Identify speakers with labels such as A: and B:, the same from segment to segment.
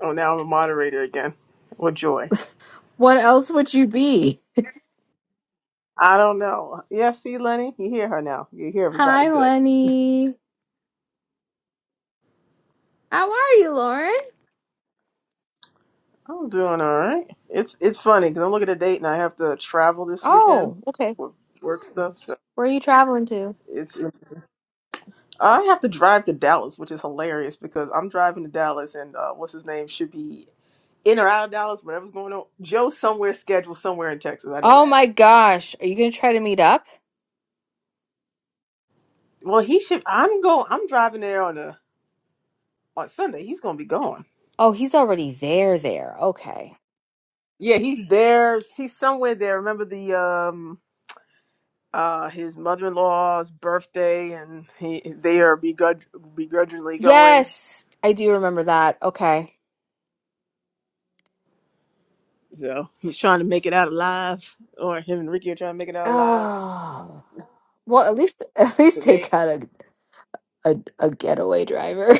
A: Oh, now I'm a moderator again. What joy.
B: What else would you be?
A: I don't know. Yeah, see, Lenny, you hear her now. You hear everybody
B: Hi,
A: good.
B: Lenny. How are you, Lauren?
A: I'm doing all right. It's it's funny because I'm looking at a date and I have to travel this weekend
B: Oh, okay.
A: for work stuff. So
B: Where are you traveling to?
A: it's I have to drive to Dallas, which is hilarious because I'm driving to Dallas and uh, what's his name should be in or out of Dallas, whatever's going on. Joe's somewhere scheduled somewhere in Texas. I know
B: Oh
A: that.
B: my gosh. Are you going to try to meet up?
A: Well, he should. I'm go. I'm driving there on a on Sunday. He's going to be gone.
B: Oh, he's already there, there. Okay.
A: Yeah, he's there. He's somewhere there. Remember the um uh his mother in law's birthday, and he they are begrudg- begrudgingly going.
B: Yes, I do remember that. Okay.
A: So he's trying to make it out alive, or him and Ricky are trying to make it out alive.
B: Oh. Well, at least at
A: Cause
B: least they
A: they,
B: got a a, a getaway driver.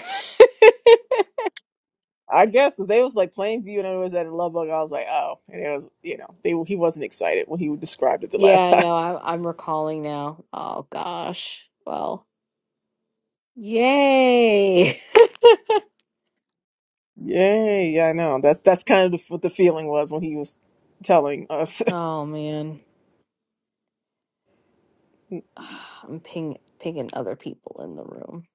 A: I guess, cause they was like Plainview, and it was that in Love I was like, oh, and it was you know they he wasn't excited when he described it the last
B: yeah,
A: time.
B: no, I, I'm recalling now. Oh gosh. Well, yay.
A: Yeah, Yeah, I know. That's that's kind of the, what the feeling was when he was telling us.
B: oh man. I'm ping pinging other people in the room.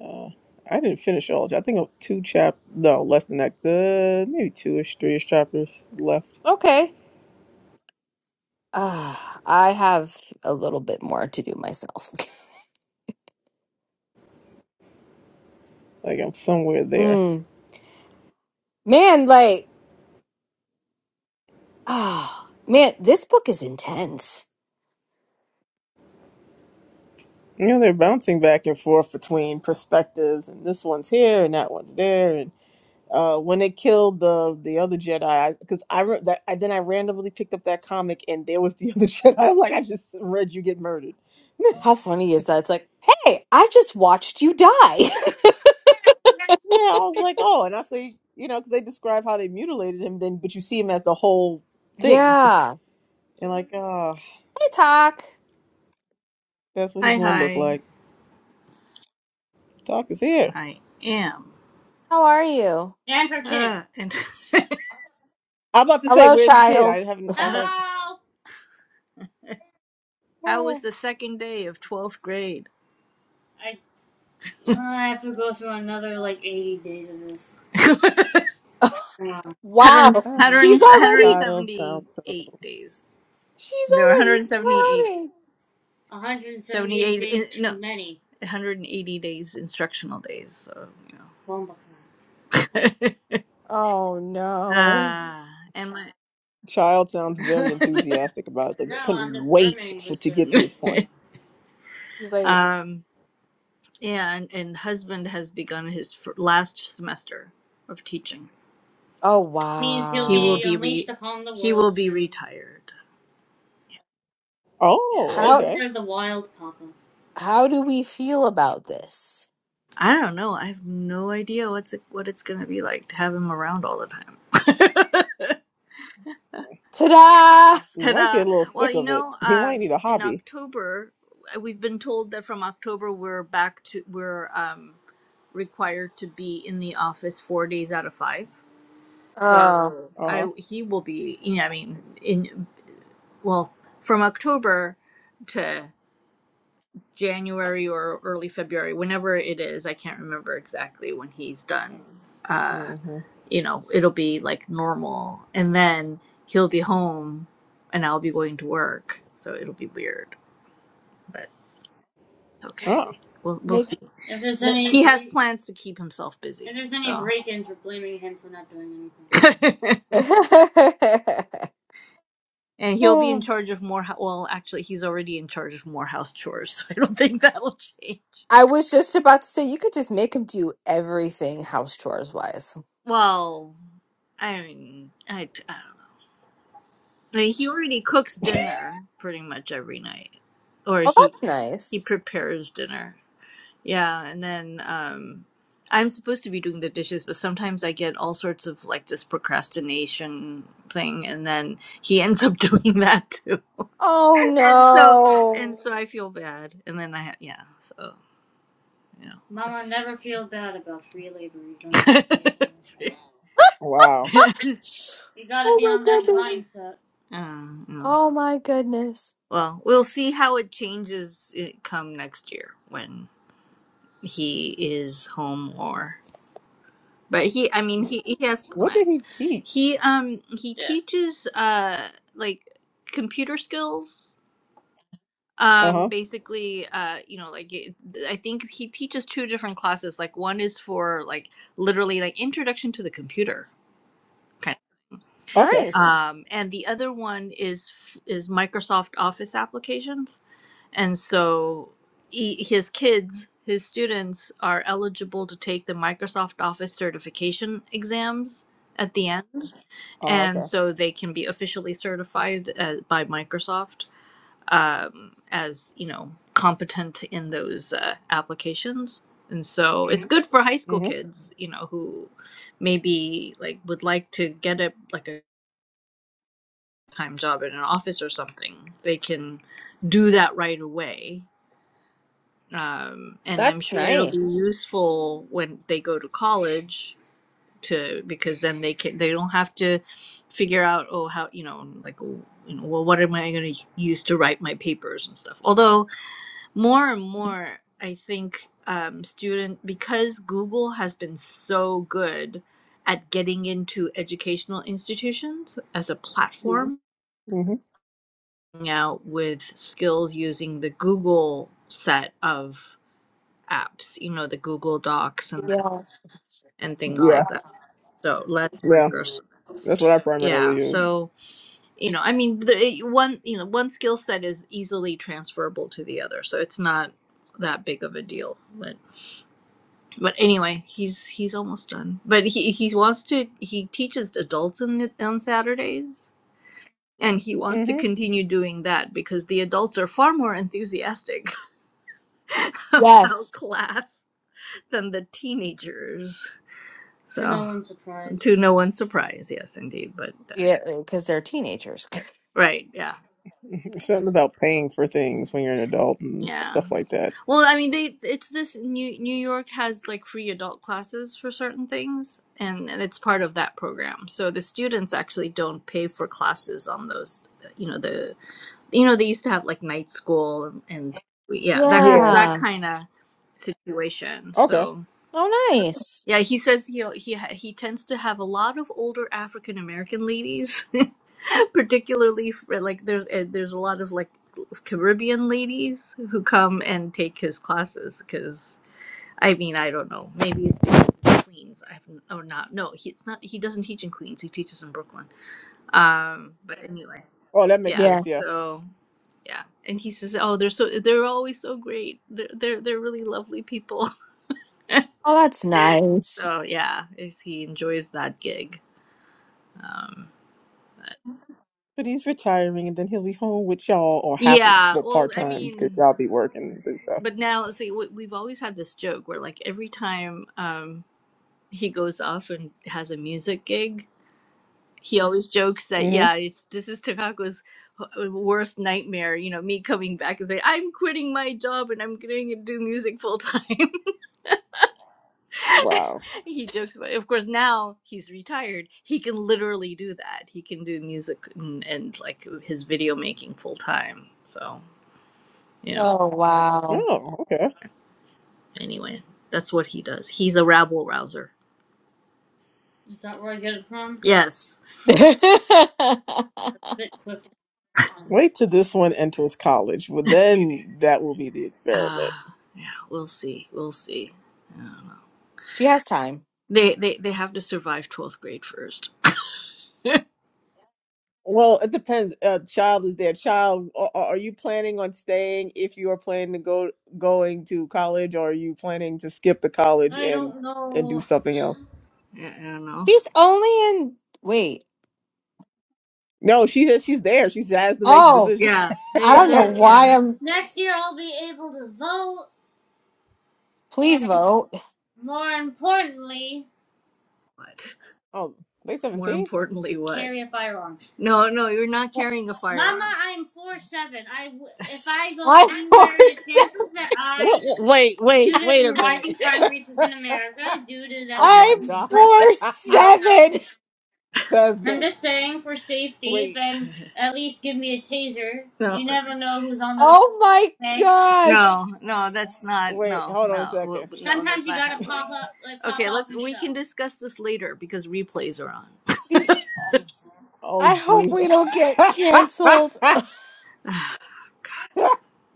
A: Uh, I didn't finish all. I think of two chap, no, less than that. Good, maybe two-ish, three-ish chapters left.
B: Okay. Uh, I have a little bit more to do myself.
A: Like I'm somewhere there.
B: Mm. Man, like, Ah, man, this book is intense.
A: You know, they're bouncing back and forth between perspectives, and this one's here and that one's there. And uh, when they killed the the other Jedi, because I, 'cause I re- that, I then I randomly picked up that comic, and there was the other Jedi. I'm like, I just read you get murdered.
B: How funny is that? It's like, hey, I just watched you die.
A: Yeah, I was like, oh, and I say, you know, because they describe how they mutilated him, then but you see him as the whole thing,
B: yeah.
A: and like, ah,
B: Hey, Talk.
A: that's what he's gonna look like. Doc is here.
B: How are you?
A: I'm about to say,
B: Hello,
A: where's the kid? I
B: child.
A: haven't. I heard.
B: Wow.
A: Ah, ah,
B: She's already,
A: child sounds so.
B: she's already drowning. Oh, no.
A: Child sounds very enthusiastic about it. Like, just couldn't wait for to get to this point.
B: She's like, oh, wow.
A: Oh,
B: How?
A: okay.
B: how do we feel about this? Ta-da!
A: You might get a little sick of it. He might need a hobby.
B: Oh,
A: Uh huh. Mm-hmm. Oh.
B: make. make-
A: oh.
B: I was just about to say you could just make him do everything house chores wise. Oh, that's nice. Oh no.
A: Wow.
B: oh my goodness. Oh my goodness.
A: What did he teach? Uh huh. Okay.
B: Nice.
A: Oh, okay. hmm
B: That's nice.
A: hmm
B: Yeah.
A: Yeah. Yeah. That's what I primarily use. hmm
B: Yes. Yeah, because they're teenagers.
A: Something about paying for things when you're an adult and stuff like that. Yeah.
B: Yeah.
A: Okay.
B: Oh, nice.
A: Oh, that makes
B: Yeah.
A: sense. Yeah.
B: Oh, that's nice.
A: But he's retiring and then he'll be home with y'all or half of, well, part time because y'all be working and do stuff. hmm Wow.
B: Oh, wow.
A: Oh, okay. Wait till this one enters college. Well, then that will be the experiment.
B: she has time.
A: Well, it depends. A child is their child. Are, are you planning on staying if you are planning to go going to college, or are you planning to skip the college and and do something else?
B: She's only in. Wait.
A: No, she says she's there. She has to make the
B: Oh,
A: decision.
B: I don't know why I'm. Please vote.
A: oh, they seventeen?
B: I'm four. Se-
A: What? what- Wait, wait, wait a minute. oh my
B: I'm
A: god,
B: four seven.
A: seven. Wait,
B: Oh my gosh.
A: wait. Hold on a second.
B: The-
A: Oh
B: I hope we
A: Jesus.
B: don't get canceled.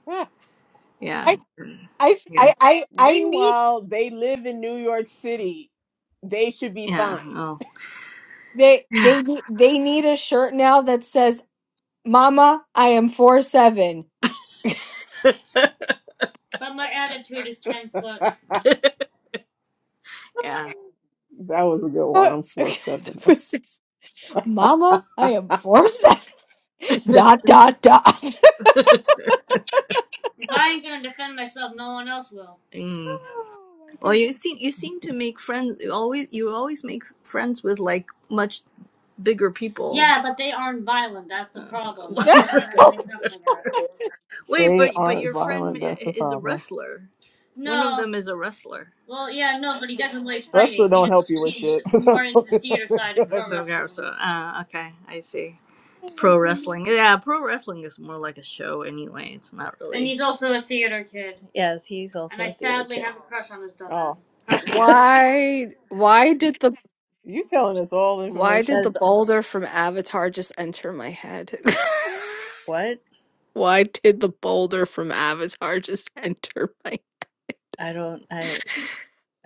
B: I I I I, I need
A: Meanwhile, they live in New York City. They should be fine.
B: they they need- they need a shirt now that says "Mama, I am four seven.
A: that was a good one. I'm for Southerner.
B: Mama, I am four seven. Dot dot dot. oh my goodness. oh
A: They aren't violent. That's the problem. Wrestler don't help you with shit. So, good.
B: my goodness.
A: Oh,
B: Why why did the
A: you telling us all
B: why did
A: information.
B: the boulder from Avatar just enter my head? Why did the boulder from Avatar just enter my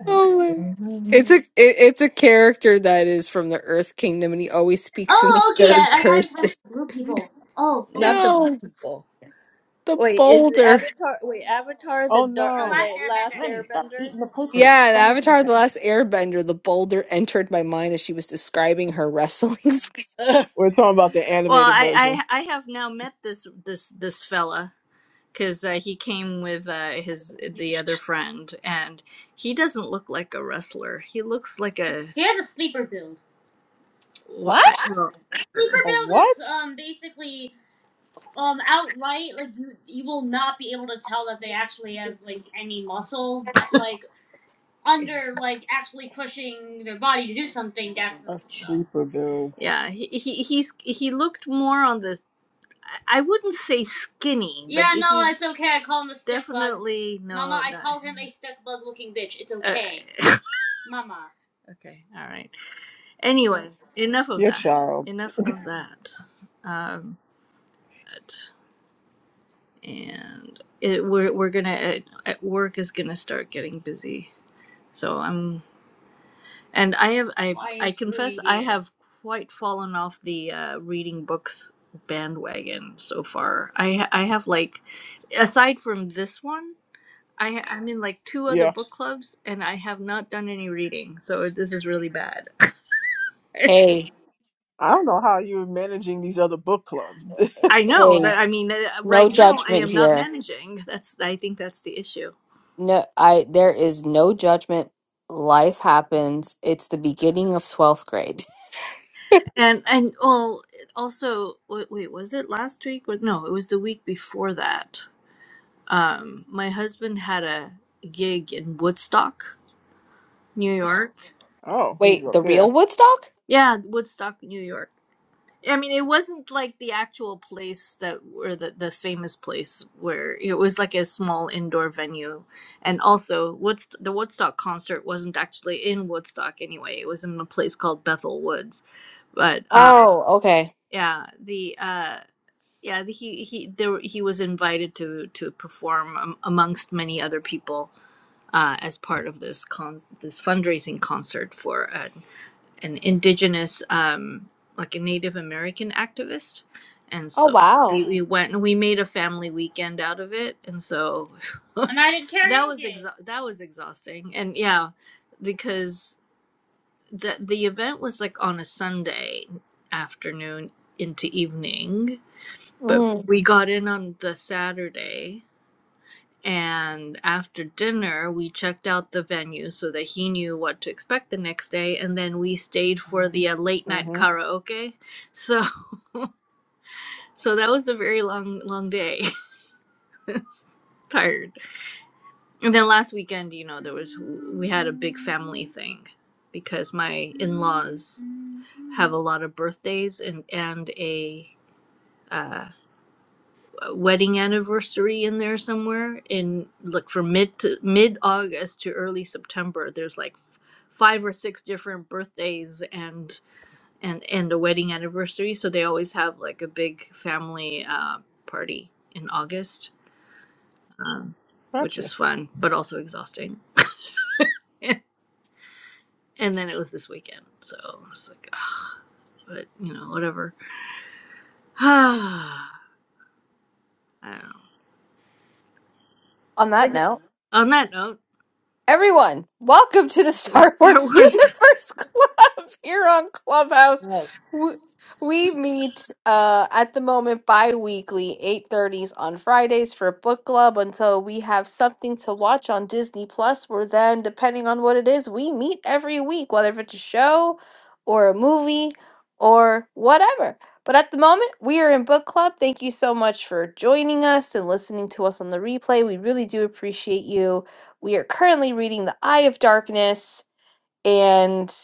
B: Oh my It's a it, it's a character that is from the Earth Kingdom and he always speaks in the third person. No, the boulder.
A: Oh no, Lenny, stop eating the papers.
B: Yeah, the
A: That is.
B: Avatar The Last Airbender, the boulder entered my mind as she was describing her wrestling
A: We're talking about the animated version.
B: What?
A: A what? A sleeper build. Your child. Yeah. I don't know how you're managing these other book clubs.
B: judgment here. No, I there is no judgment. Life happens. It's the beginning of 12th grade.
A: Oh, he was
B: Wait,
A: up
B: the
A: there.
B: real Woodstock? Oh, okay. Oh, wow. Mm.
A: Mm-hmm. Gotcha.
B: On that note. Everyone, welcome to the Star Wars Universe Club here on Clubhouse. W- We meet uh, at the moment bi-weekly, 8.30s on Fridays for book club until we have something to watch on Disney+. Plus. We're then, depending on what it is, we meet every week, whether if it's a show or a movie or whatever. But at the moment, we are in book club. Thank you so much for joining us and listening to us on the replay. We really do appreciate you we are currently reading The Eye of Darkness, and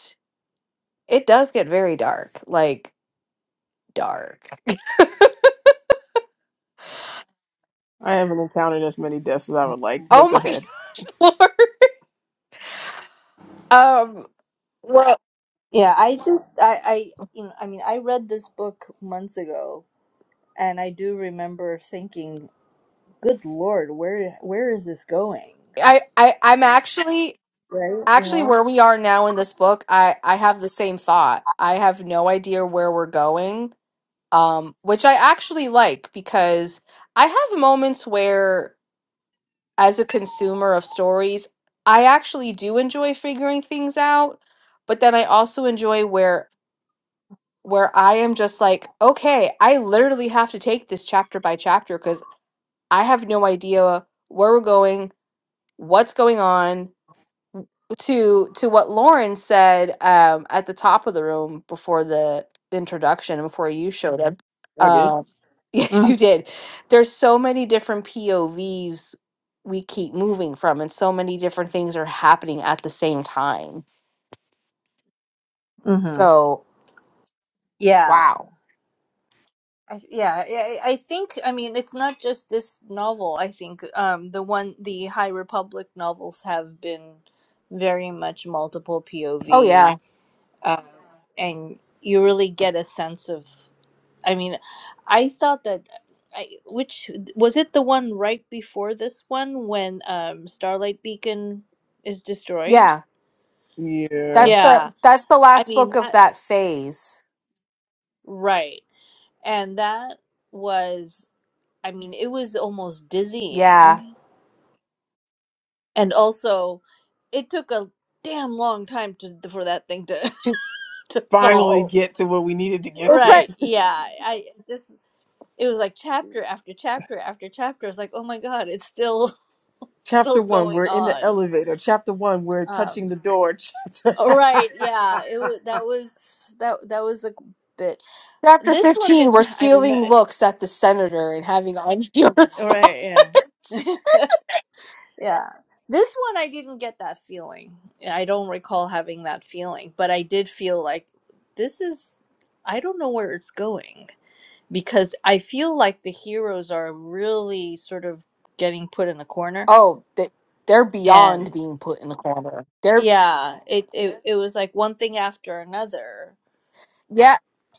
B: it does get very dark. Like, dark.
A: I haven't encountered as many deaths as I would like,
B: Oh
A: but go
B: my
A: ahead.
B: gosh, Lord. Um, well, I, I, I'm actually, actually where we are now in this book, I, I have the same thought. I have no idea where we're going, um, which I actually like because I have moments where, as a consumer of stories, I actually do enjoy figuring things out, but then I also enjoy where where I am just like, okay, I literally have to take this chapter by chapter because I have no idea where we're going, what's going on. To to what Lauren said um, at the top of the room before the introduction, before you showed up.
A: I did.
B: Uh, yes, you did. There's so many different POVs we keep moving from, and so many different things are happening at the same time. So wow. Oh yeah, yeah.
A: Yeah.
B: That's the that's the last book of that phase. Yeah. She-
A: Finally get to what we needed to get
B: It's
A: to.
B: at
A: Chapter one, we're in the elevator. Chapter one, we're touching the door. Chapter
B: chapter fifteen. We're stealing looks at the senator and having unpure thoughts. Oh, they, they're beyond being put in a corner. They're yeah.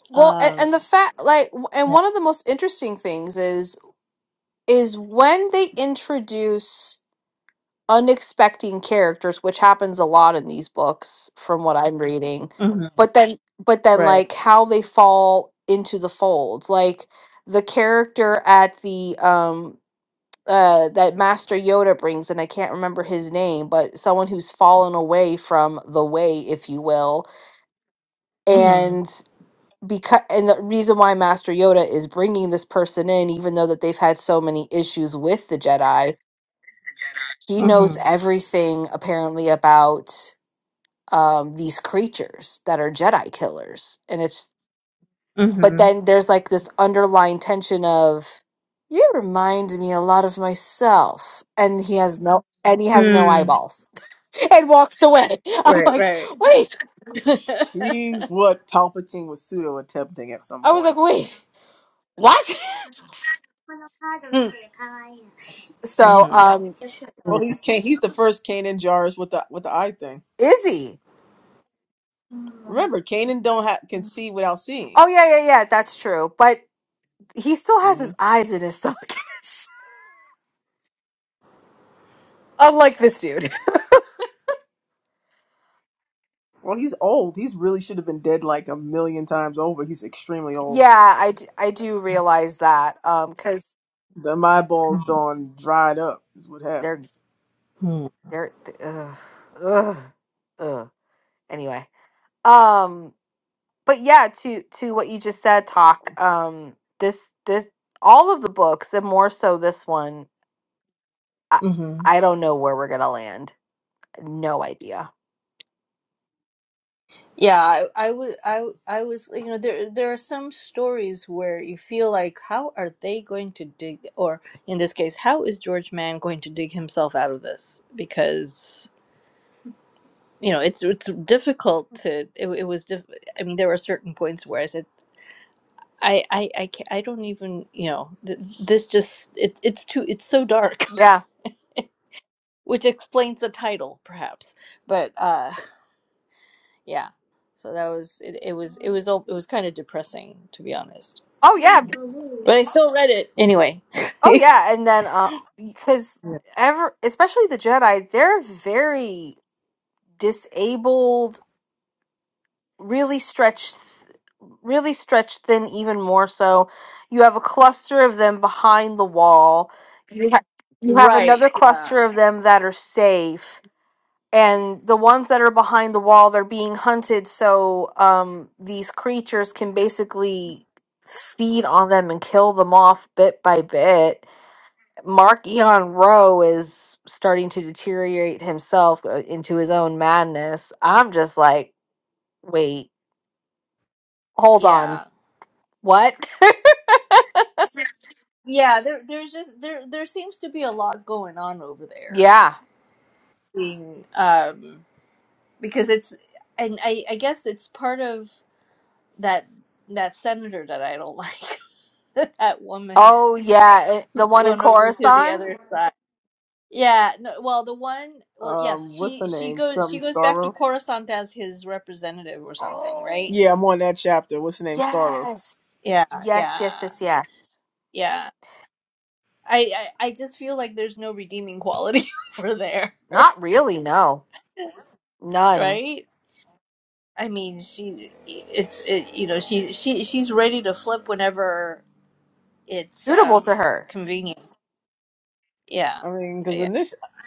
B: Well, and, and the fact like, and one of the most interesting things is is when they introduce Unexpected characters which happens a lot in these books from what i'm reading but then but then like how they fall into the folds like the character at the um uh that master yoda brings and i can't remember his name but someone who's fallen away from the way if you will and because and the reason why master yoda is bringing this person in even though that they've had so many issues with the jedi he knows everything apparently about um, these creatures that are Jedi killers. And it's, but then there's like this underlying tension of, you remind me a lot of myself. And he has no, and he has no eyeballs and walks away. I'm like, wait.
A: He's what Palpatine was pseudo attempting at some
B: I was like,
A: point.
B: wait, what? So, um,
A: Well he's Can- he's the first Kanan Jars with the with the eye thing.
B: Izzy.
A: Remember, Kanan don't ha- can see without seeing.
B: Oh, yeah, yeah, yeah, that's true. But he still has
A: hmm
B: his eyes in his sockets. Unlike this dude.
A: Well, he's old. He's really should have been dead like a million times over. He's extremely old.
B: Yeah, I, d- I do realize that. Um, cause
A: Them eyeballs done dried up is what
B: they're.
A: happened.
B: They're th- ugh, ugh, ugh. Anyway, um, but yeah, to to what you just said, talk. Um, this this all of the books, and more so this one. I I don't know where we're gonna land. No idea. Yeah. Oh yeah. Oh yeah. And then, uh, because ever, especially the Jedi, they're very disabled, really stretched, really stretched thin, even more so. You have a cluster of them behind the wall. You, ha- you have another cluster of them that are safe. And the ones that are behind the wall, they're being hunted, so um, these creatures can basically feed on them and kill them off bit by bit. Mark Eon Rowe is starting to deteriorate himself uh, into his own madness. I'm just like, Wait, hold on. What? yeah. Oh, yeah. it- the one in Coruscant?
A: Um, what's her name? Something Staros. Yeah,
B: Oh,
A: I'm on that chapter. What's her name? Staros.
B: yes. Yes, yes, yes, yes. Not really, no. None. Suitable to her.
A: I mean, because in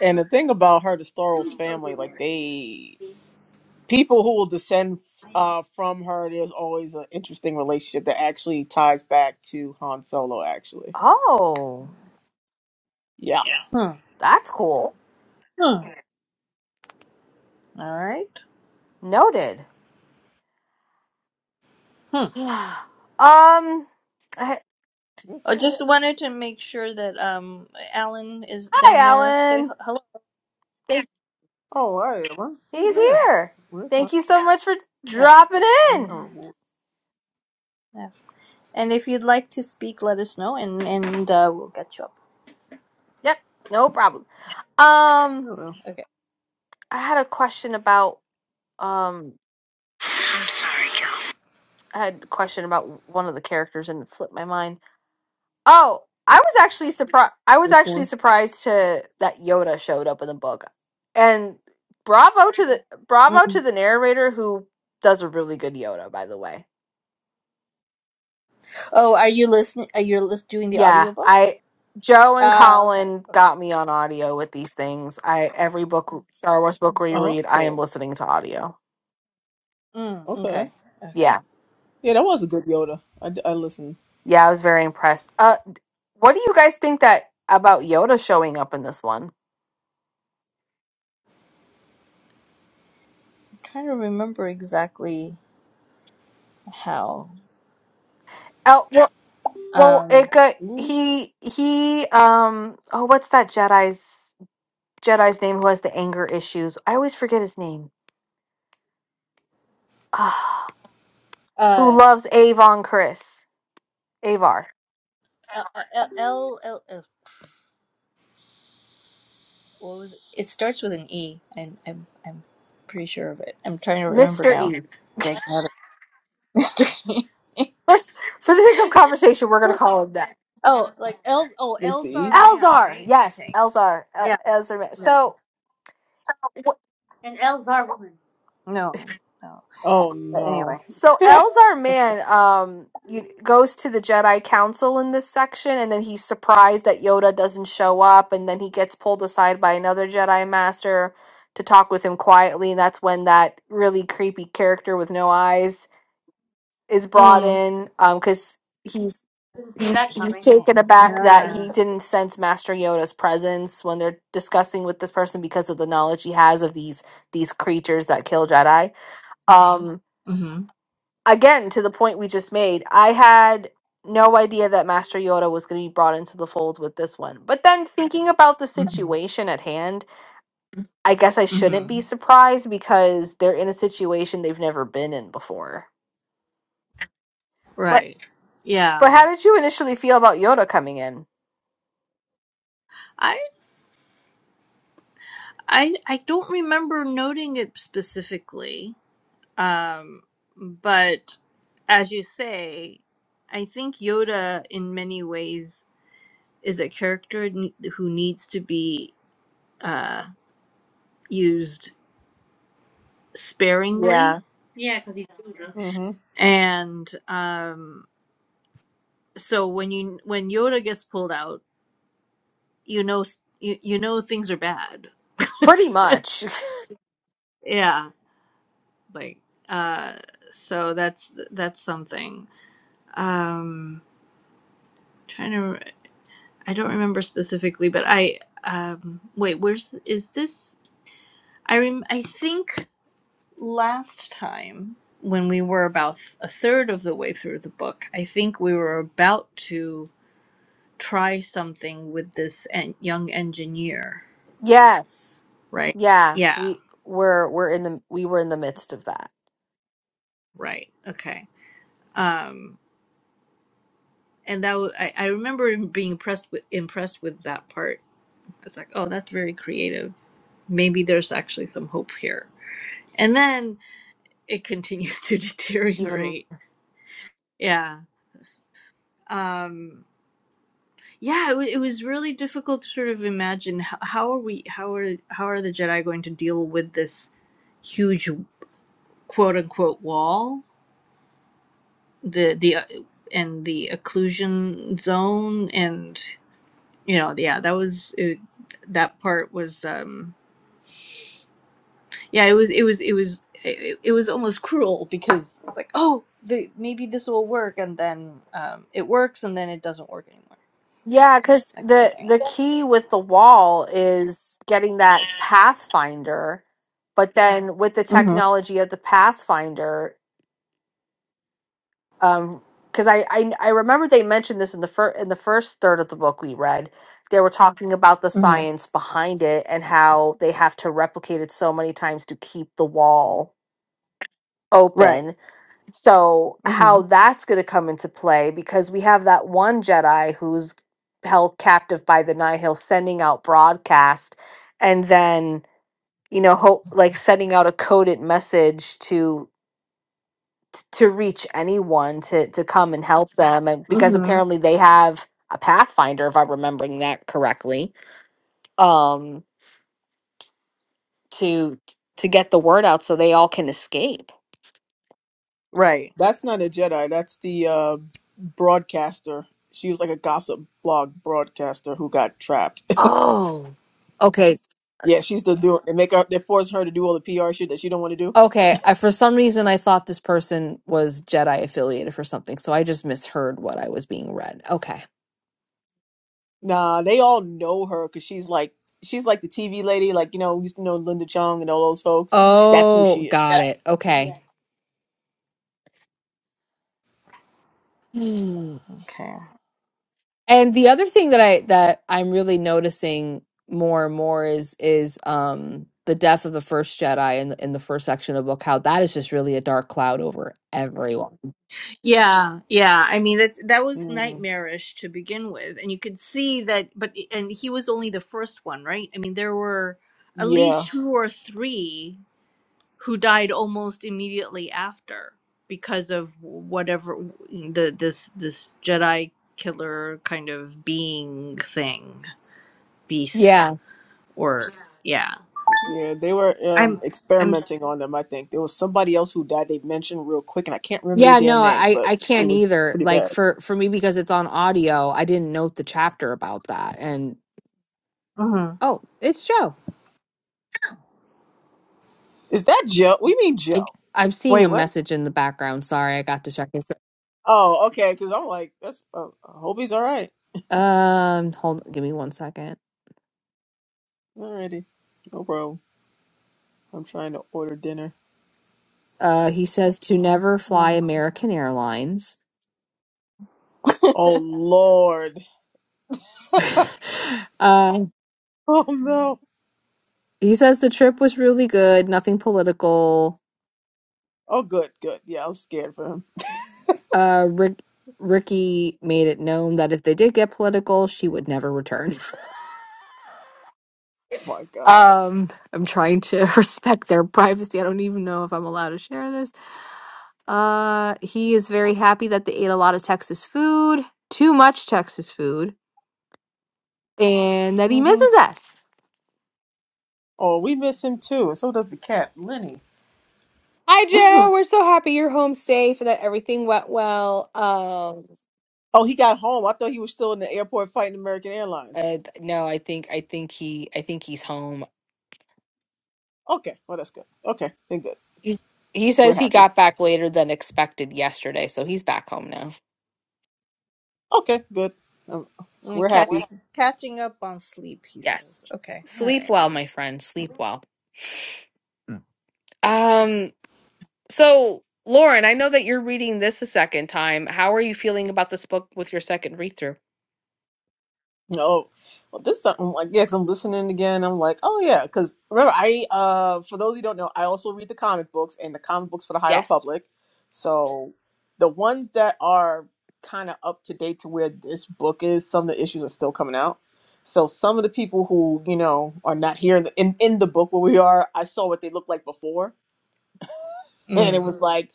A: and the thing about her, the Staros family, like they people who will descend uh, from her. There's always an interesting relationship that actually ties back to Han Solo. Actually,
B: Oh,
A: yeah.
B: that's cool. Noted. um, I- hi, Alan. Thank-
A: Oh, right. Well, he's
B: He's
A: there.
B: here.
A: Where's my,
B: Thank you so much for dropping
A: where's my
B: in.
A: reward?
B: Yep, no problem.
A: I
B: Um,
A: don't know.
B: I had a question about Um, I had a question about one of the characters and it slipped my mind. Oh, I was actually surprised. I was
A: Which
B: actually
A: one?
B: surprised to that Yoda showed up in the book, and bravo to the bravo to the narrator who does a really good Yoda. By the way, yeah, I Joe and Colin got me on audio with these things. I every book Star Wars book reread, I am
A: Oh,
B: listening to audio.
A: okay.
B: Yeah,
A: Yeah, that was a good Yoda. I, I listened.
B: yeah, I was very impressed. Uh, d- what do you guys think that about Yoda showing up in this one? Oh, Well, it got
A: Ooh,
B: he he um oh what's that Jedi's Jedi's name who has the anger issues? I always forget his name. Ah, who loves Avon Chris. Avar. Mr. E. Let's for the sake of conversation, we're gonna call him that.
A: Mr. E.
B: Elzar. Yes, Elzar. Uh, Elzar. Ma- So
A: Oh, no.
B: So Elzar Man um you, goes to the Jedi Council in this section, and then he's surprised that Yoda doesn't show up, and then he gets pulled aside by another Jedi Master to talk with him quietly, and that's when that really creepy character with no eyes is brought in, Um, because he's he's he's taken aback that he didn't sense Master Yoda's presence when they're discussing with this person because of the knowledge he has of these these creatures that kill Jedi. Um, again to the point we just made, I had no idea that Master Yoda was going to be brought into the fold with this one. But then thinking about the situation at hand, I guess I shouldn't be surprised because they're in a situation they've never been in before. But but how did you initially feel about Yoda coming in? Yeah.
A: hmm
B: Pretty much. Yes. Yeah, we were we're in the we were in the midst of that. Even yeah, because the the key with the wall is getting that pathfinder, but then with the technology of the pathfinder, um, because I, I I remember they mentioned this in the first in the first third of the book we read. They were talking about the science behind it and how they have to replicate it so many times to keep the wall open so how that's going to come into play because we have that one jedi who's held captive by the nihil sending out broadcast and then you know hope like sending out a coded message to to reach anyone to to come and help them and because apparently they have a pathfinder if i'm remembering that correctly um to to get the word out so they all can escape
A: That's not a Jedi. That's the uh, broadcaster. She was like a gossip blog broadcaster who got trapped.
B: Oh, okay.
A: Yeah, she's the doing. They make her. They force her to do all the PR shit that she don't want to do.
B: Okay, I, for some reason I thought this person was Jedi affiliated for something, so I just misheard what I was being read. Okay.
A: Nah, they all know her because she's like she's like the TV lady. Like you know, we used to know Linda Chung and all those folks. That's who
B: Oh,
A: she is.
B: got it. Okay. Hmm. And the other thing that I that I'm really noticing more and more is is um the death of the first Jedi in the, in the first section of the book, how that is just really a dark cloud over everyone.
A: Mm. Yeah,
B: Yeah.
A: yeah. They were um experimenting on them. I think there was somebody else who died. They mentioned real quick, and I can't remember their
B: Yeah,
A: damn
B: no,
A: name,
B: I
A: but
B: I
A: it
B: can't
A: was
B: either.
A: pretty
B: Like
A: bad.
B: for for me because it's on audio, I didn't note the chapter about that. And oh, it's Joe.
A: Is that Joe? We mean
B: I,
A: Joe.
B: I'm seeing a message in the background. Sorry, I got distracted. so,
A: Oh, okay. Because I'm like, that's. Uh, I hope he's all right.
B: Um, hold, give me one second.
A: Alrighty, no problem. I'm trying to order dinner.
B: Uh, he says to never fly American Airlines.
A: Oh Lord.
B: um,
A: Oh no.
B: he says the trip was really good, nothing political.
A: Oh good, good. Yeah, I was scared for him.
B: Uh, Rick, Ricky made it known that if they did get political, she would never return.
A: Oh my god.
B: um, I'm trying to respect their privacy. I don't even know if I'm allowed to share this. Uh, he is very happy that they ate a lot of Texas food, too much Texas food, and that he
A: hmm
B: misses us.
A: Oh, we miss him too, and so does the cat, Lenny.
B: Hi, Joe. We're so happy you're home safe and that everything went well. Um,
A: Oh, he got home. I thought he was still in the airport fighting American Airlines.
B: Uh, no, I think I think he I think he's home.
A: Okay, well that's good. Okay, then good.
B: He's he
A: We're
B: says he
A: happy.
B: got back later than expected yesterday, so he's back home now.
A: Okay, good. Um, we're happy.
B: Yes. Sleep well, my friend. Sleep well. Um. So, Lauren, I know that you're reading this a second time. How are you feeling about this book with your second read through?
A: No. Well, this time, I'm like, yes. 'cause I'm listening again. I'm like, oh yeah, because remember, I uh, for those who don't know, I also read the comic books and the comic books for the High
B: Yes.
A: Republic. So the ones that are kind of up to date to where this book is, some of the issues are still coming out. So some of the people who you know are not here in the, in, in the book where we are, I saw what they looked like before and it was Mhm. like,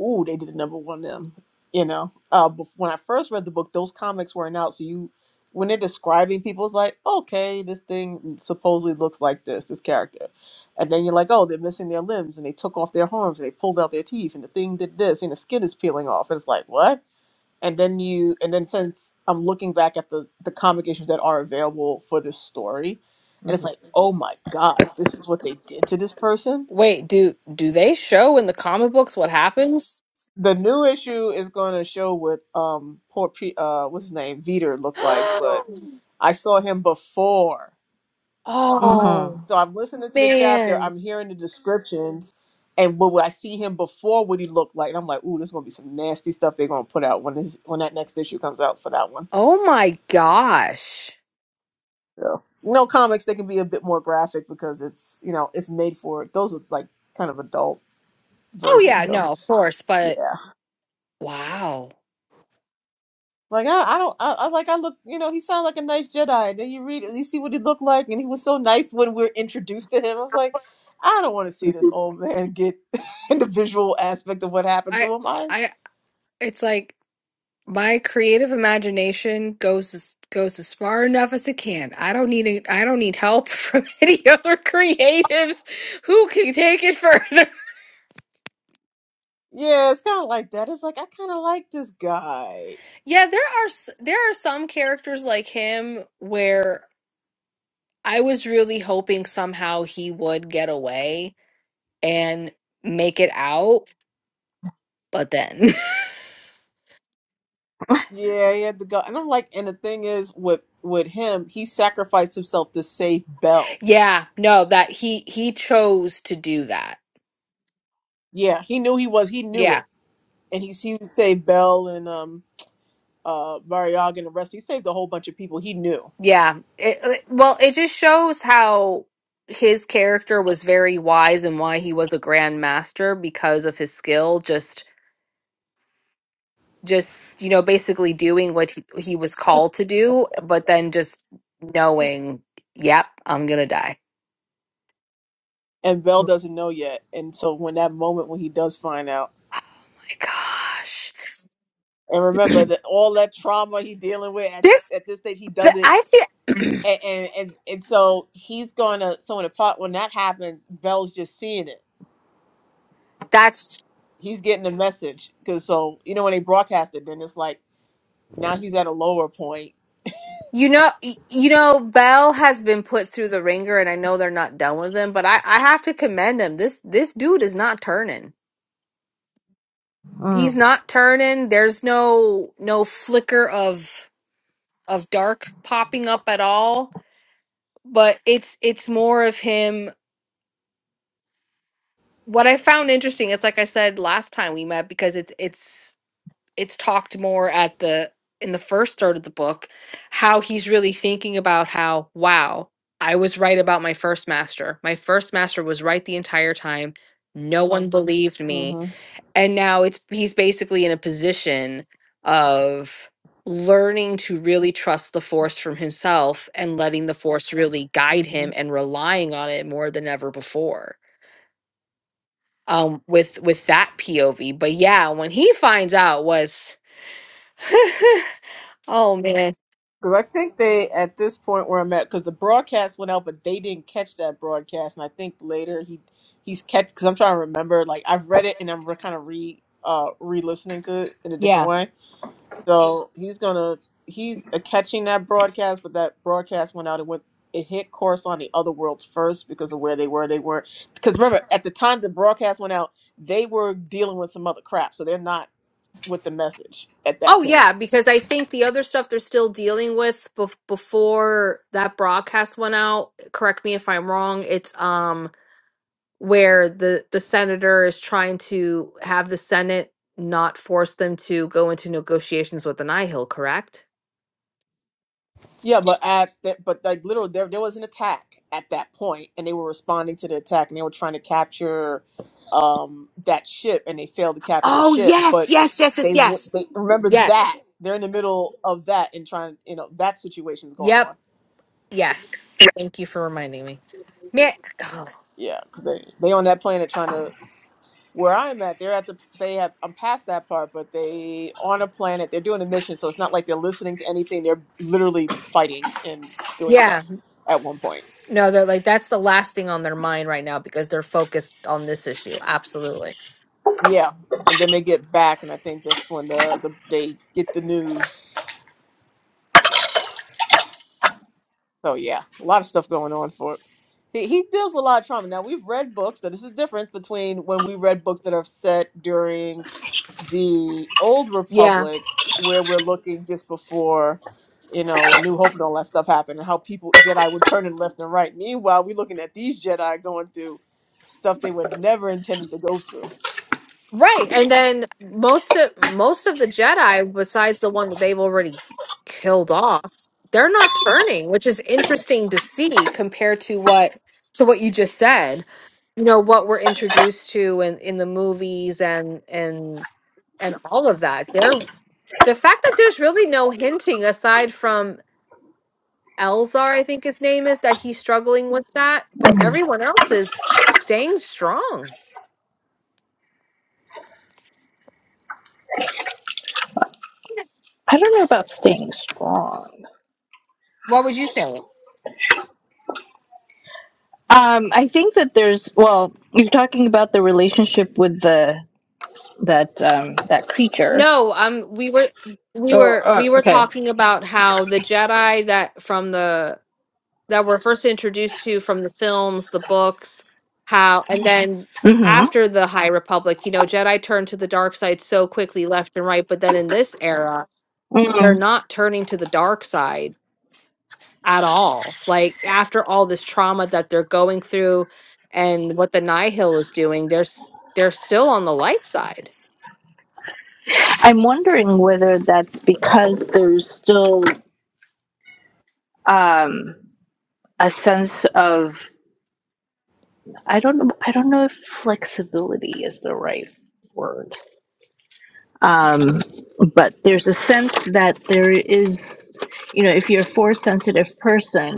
A: ooh, they did a number one of them. You know, uh, bef- when I first read the book, those comics weren't out. So you, when they're describing people, it's like, okay, this thing supposedly looks like this, this character, and then you're like, oh, they're missing their limbs, and they took off their arms, and they pulled out their teeth, and the thing did this, and the skin is peeling off, and it's like, what? And then you, and then since I'm looking back at the the comic issues that are available for this story, and it's like, oh my god, this is what they did to this person
B: Wait, do do they show in the comic books what happens?
A: The new issue is going to show what um poor P- uh what's his name Veter looked like, but I saw him before,
B: Oh
A: so I'm listening to the chapter.
B: man.
A: I'm hearing the descriptions, and what what I see him before what he looked like, and I'm like, ooh, there's going to be some nasty stuff they're going to put out when his when that next issue comes out for that one.
B: Oh my gosh.
A: So you know, comics they can be a bit more graphic because it's you know it's made for those are like kind of adult
B: Oh
A: versions.
B: yeah,
A: So
B: no, of course, but
A: yeah,
B: wow.
A: Like I, I don't, I, I like I look, you know, he sounded like a nice Jedi. And then you read, you see what he looked like, and he was so nice when we are introduced to him. I was like, I don't want to see this old man get in the visual aspect of what happened
B: I
A: to him. I,
B: I it's like my creative imagination goes as, goes as far enough as it can. I don't need it- I don't need help from any other creatives who can take it further.
A: yeah, it's kind of like that. It's like I kind of like this guy.
B: yeah, there are s- there are some characters like him where I was really hoping somehow he would get away and make it out, but then
A: Yeah, he had the guy, and I'm like, and the thing is, with with him, he sacrificed himself to save Bell.
B: yeah, no, that he he chose to do that.
A: Yeah, he knew he was, he knew
B: Yeah.
A: it, and he he saved Bell and um uh Variaga and the rest. He saved a whole bunch of people. He knew.
B: Yeah. It, it- well, it just shows how his character was very wise and why he was a grand master because of his skill just just you know basically doing what he, he was called to do but then just knowing yep i'm gonna die
A: and Bell doesn't know yet. And so when that moment when he does find out,
B: my gosh
A: and remember that all that trauma he dealing with at this,
B: this
A: at this stage, he
B: but
A: doesn't.
B: i feel
A: And, and and and so he's gonna. So in the plot, when that happens, Bell's just seeing it.
B: that's
A: He's getting the message because so you know when they broadcast it, then it's like now he's at a lower point.
B: you know y- you know bell has been put through the ringer and i know they're not done with him but i i have to commend him this this dude is not turning he's not turning. There's no no flicker of of dark popping up at all. But it's it's more of him. What I found interesting is like I said last time we met because it's it's it's talked more at the in the first third of the book how he's really thinking about how wow I was right about my first master. My first master was right the entire time. No one believed me
A: hmm
B: and now it's he's basically in a position of learning to really trust the force from himself and letting the force really guide him and relying on it more than ever before um with with that pov but yeah when he finds out was oh man
A: Because I think they, at this point where I'm at, because the broadcast went out, but they didn't catch that broadcast, and I think later he he's catch. Because I'm trying to remember, like I've read it and I'm re- kind of re uh re-listening to it in a different way.
B: yes
A: So he's gonna he's uh, catching that broadcast, but that broadcast went out and went it hit course on the other worlds first because of where they were. They were because remember at the time the broadcast went out, they were dealing with some other crap, so they're not with the message at that
B: oh
A: point.
B: yeah because i think the other stuff they're still dealing with bef- before that broadcast went out correct me if i'm wrong it's um where the the senator is trying to have the Senate not force them to go into negotiations with the Nihil, correct?
A: Yeah, but at that, but like literally, there there was an attack at that point, and they were responding to the attack, and they were trying to capture um that ship, and they failed to capture the
B: Oh,
A: ship.
B: yes,
A: But
B: yes, yes, yes,
A: they w-
B: yes.
A: they remember
B: Yes.
A: that they're in the middle of that and trying, you know, that situation's going
B: Yep.
A: on.
B: Yes. Thank you for reminding me. Man, oh,
A: Yeah, because they they on that planet trying to where I'm at. They're at the they have I'm past that part, but they on a planet. They're doing a mission, so it's not like they're listening to anything. They're literally fighting and doing
B: yeah.
A: stuff at one point.
B: No, they're like that's the last thing on their mind right now because they're focused on this issue. Absolutely.
A: Yeah, and then they get back, and I think that's when the, the they get the news. So yeah, a lot of stuff going on for it. He, he deals with a lot of trauma. Now we've read books that this is different between when we read books that are set during the old
B: Yeah.
A: republic, where we're looking just before, you know, a new hope and all that stuff happened, and how people Jedi would turn and left and right. Meanwhile, we're looking at these Jedi going through stuff they were never intended to go through
B: Right. And then most of most of the Jedi, besides the one that they've already killed off, they're not turning, which is interesting to see compared to what to what you just said. You know, what we're introduced to in, in the movies and and and all of that. There the fact that there's really no hinting aside from Elzar, I think his name is, that he's struggling with that, but everyone else is staying strong.
C: I don't know about staying strong.
B: What would you say?
C: Um, I think that there's, well, you're talking about the relation.
B: No, um, we were we were we were talking about how the Jedi that from the that were first introduced to from the films, the books, how and Mhm. then after the High Republic, you know, Jedi turned to the dark side so quickly left and right, but then in this era, they're not turning to the dark side at all. Like after all this trauma that they're going through and what the Nihil is doing, they're s- they're still on the light side.
C: I'm wondering whether that's because there's still um, a sense of, I don't know, I don't know if flexibility is the right word. Um, but there's a sense that there is, you know, if you're a force sensitive person,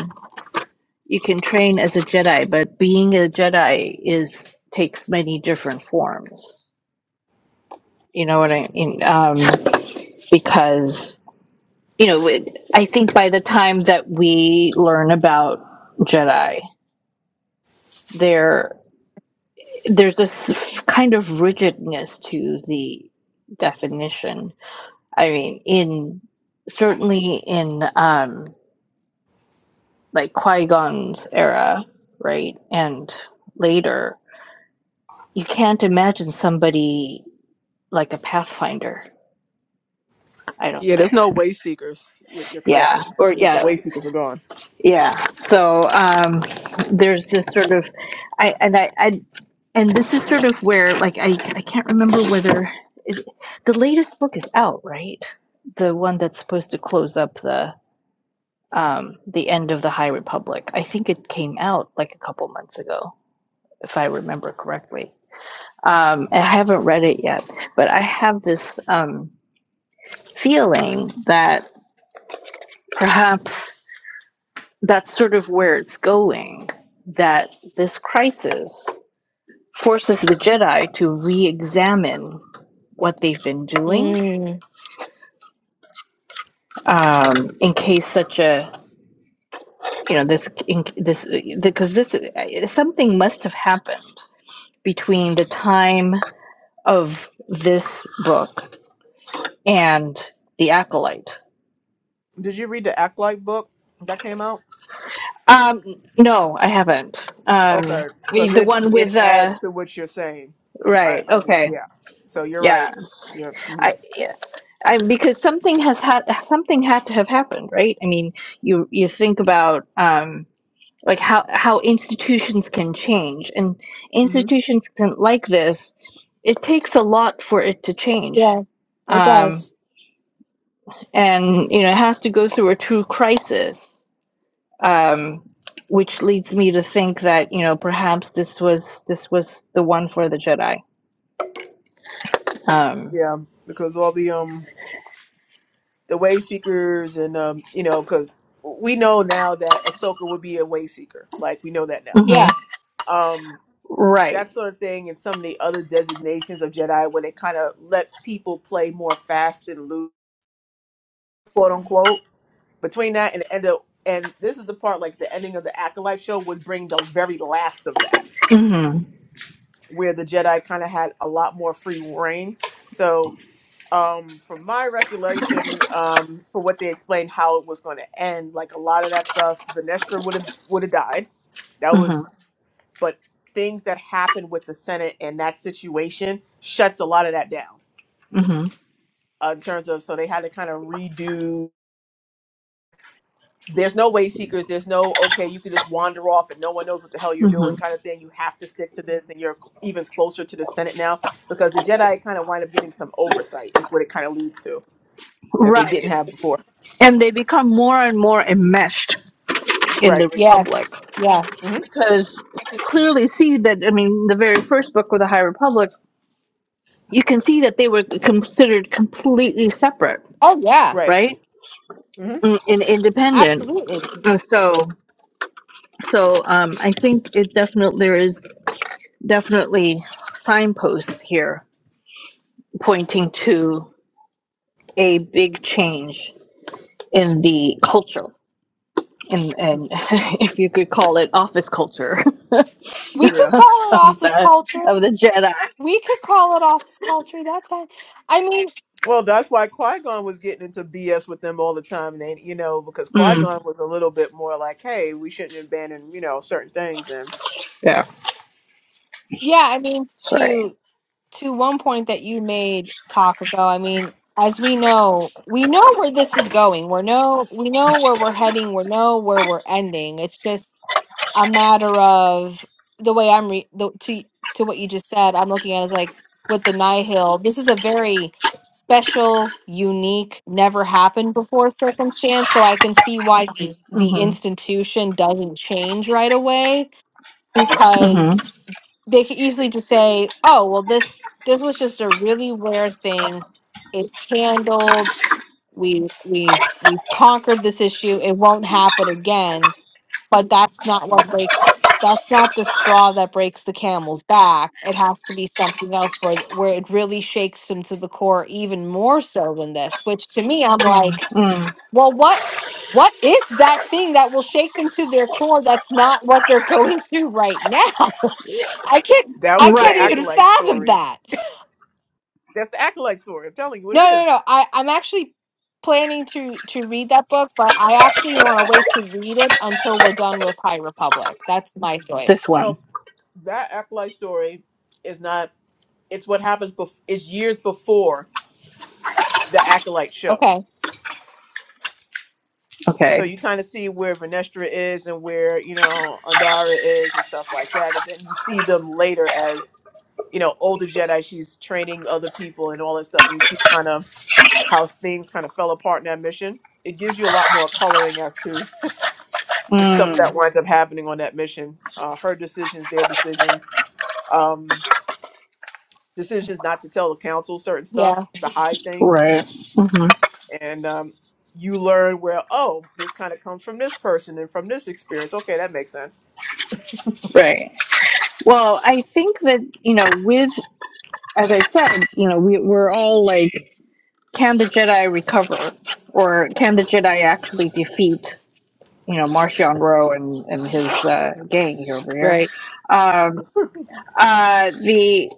C: you can train as a Jedi, but being a Jedi is takes many different forms You know what I mean? Um, because you know, it, I think by the time that we learn about Jedi, there there's this kind of rigidness to the definition. I mean, in certainly in um, like Qui Gon's era, right, and later, you can't imagine somebody like a Pathfinder. I don't
A: Yeah, there's
C: think.
A: no way seekers. You're, you're
C: Yeah,
A: correct.
C: or
A: The the
C: yeah,
A: way seekers are gone.
C: Yeah. So um, there's this sort of I and I, I and this is sort of where like I I can't remember whether it, the latest book is out, right? The one that's supposed to close up the um the end of the High Republic. I think it came out like a couple months ago, if I remember correctly. Um, and I haven't read it yet, but I have this um feeling that perhaps that's sort of where it's going. That this crisis forces the Jedi to re-examine what they've been doing
B: Mm,
C: um, in case such a you know this in, this because this something must have happened between the time of this book and the acolyte.
A: Did you read the Act Like book that came out?
C: Um, no, I haven't. Um,
A: Okay, because
C: the
A: it
C: one
A: it
C: with uh,
A: adds to what you're saying. I,
C: right?
A: I
C: Okay,
A: yeah. So you're
C: yeah,
A: right. Yeah. hmm
C: I yeah. I, because something has had something had to have happened, right? I mean, you you think about um, like how how institutions can change and
A: hmm
C: institutions can like this it takes a lot for it to change
B: yeah, it
C: um,
B: does.
C: and you know it has to go through a true crisis um, which leads me to think that you know perhaps this was this was the one for the jedi um,
A: Yeah, because all the um the way seekers and um you know because we know now that Ahsoka would be a way seeker. Like we know that now.
C: mhm.
B: Yeah.
A: Um.
C: right
A: That sort of thing, and some of the other designations of Jedi, where they kind of let people play more fast and loose, quote unquote Between that and the end of and this is the part like the ending of the Acolyte show was bring the very last of that,
C: hmm
A: where the Jedi kind of had a lot more free reign. So um from my recollection, um, for what they explained how it was gonna end, like a lot of that stuff, Venestra would have would have died. That
C: hmm
A: was but things that happened with the Senate and that situation shuts a lot of that down.
C: hmm
A: Uh, in terms of so they had to kind of redo there's no way seekers there's no okay you can just wander off and no one knows what the hell you're doing
C: hmm
A: kind of thing you have to stick to this and you're cl- even closer to the senate now because the jedi kind of wind up getting some oversight is what it kind of leads to that they didn't
C: right
A: have before
C: and they become more and more enmeshed in the
A: right
C: republic
B: Yes. Yes.
A: hmm
C: because you can clearly see that i mean the very first book of the high republic you can see that they were considered completely separate
B: Oh yeah.
A: right
C: right
A: hmm
C: and and independent
B: Absolutely.
C: Uh, so so um, i think it definitely there is definitely signposts here pointing to a big change in the culture and and if you could call it office culture
B: We
A: yeah
B: could call it
C: of
B: office
C: the
B: culture.
C: of the jedi
B: We could call it office culture. That's fine. I mean,
A: well that's why qui-gon was getting into bs with them all the time and they, you know because
C: mm,
A: qui-gon was a little bit more like hey we shouldn't abandon you know certain things and
C: yeah
B: yeah, I mean
C: that's right
B: to to one point that you made talk ago, I mean, as we know, we know where this is going. We're no we know where we're heading, we know where we're ending. It's just a matter of the way I'm re- the, to to what you just said. I'm looking at it as like with the Nihil. This is a very special, unique, never happened before circumstance. So I can see why the, the
C: Mm-hmm.
B: institution doesn't change right away
C: Mm-hmm.
B: because they could easily just say, "Oh, well this this was just a really rare thing. It's handled." We we've we've conquered this issue. It won't happen again but that's not what
A: Mhm.
B: breaks that's not the straw that breaks the camel's back it has to be something else where where it really shakes them to the core even more so than this which to me i'm Mm. like
C: Mm.
B: well what what is that thing that will shake them to their core that's not what they're going through right now
C: Yes.
B: i can't
A: that
B: i
A: was the
B: can't
C: Right.
B: even
A: acolyte
B: fathom
A: story
B: that
A: that's the acolyte story i'm telling you what
B: no
A: it
B: no
A: is
B: no i i'm actually planning to to read that book but i actually want to wait to read it until we're done with high republic that's my
C: This
B: choice
A: well
C: one.
A: that acolyte story is not it's what happens bef- it's years before the acolyte show
B: Okay.
A: so
C: Okay.
A: you kind of see where Vernestra is and where you know Andara is and stuff like that and then you see them later as you know older Jedi she's training other people and all that stuff and you see kind of how things kind of fell apart in that mission it gives you a lot more coloring as to the stuff
C: Mm.
A: that winds up happening on that mission uh, her decisions their decisions um, decisions not to tell the council certain
B: Yeah.
A: stuff to hide things
C: Right. hmm
A: and um, you learn where oh this kind of comes from this person and from this experience okay that makes sense
C: Right. Well, I think that, you know, with, as I said, you know, we, we're all like, can the Jedi recover? Or can the Jedi actually defeat, you know, Martian Rowe and, and his uh, gang here over here?
B: Right.
C: Um, uh, the,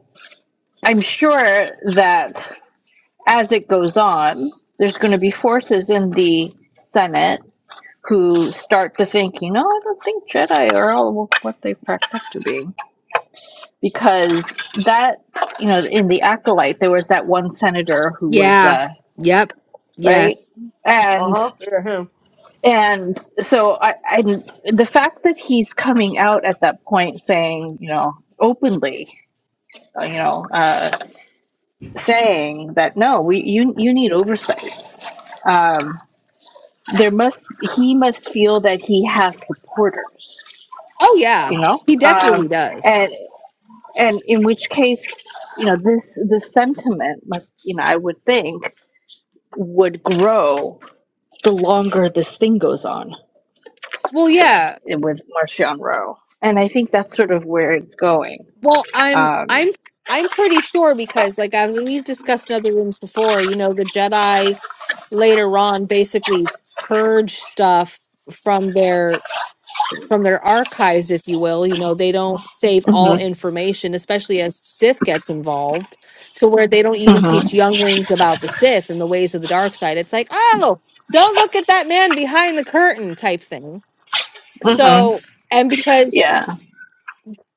C: I'm sure that as it goes on, there's going to be forces in the Senate who start to think, you know, I don't think Jedi are all what they cracked up to be. Because that, you know, in the Acolyte, there was that one senator who was,
B: Yeah.
C: uh,
B: Yep.
C: right?
B: Yes.
C: And
A: uh-huh yeah him.
C: and so I, I the fact that he's coming out at that point saying you know openly uh, you know uh, saying that no we you you need oversight um, there must he must feel that he has supporters
B: Oh yeah.
C: you know
B: He
C: um,
B: definitely does.
C: and and in which case you know this the sentiment must you know i would think would grow the longer this thing goes on
B: Well, yeah.
C: with marcion rowe and i think that's sort of where it's going
B: Well, I'm
C: um
B: I'm I'm pretty sure because like I was we've discussed in other rooms before, you know, the Jedi later on basically purge stuff from their from their archives, if you will. You know, they don't save
C: hmm
B: all information, especially as Sith gets involved, to where they don't even
C: hmm
B: teach younglings about the Sith and the ways of the dark side. It's like, oh, don't look at that man behind the curtain type thing.
C: hmm
B: So, and because
C: yeah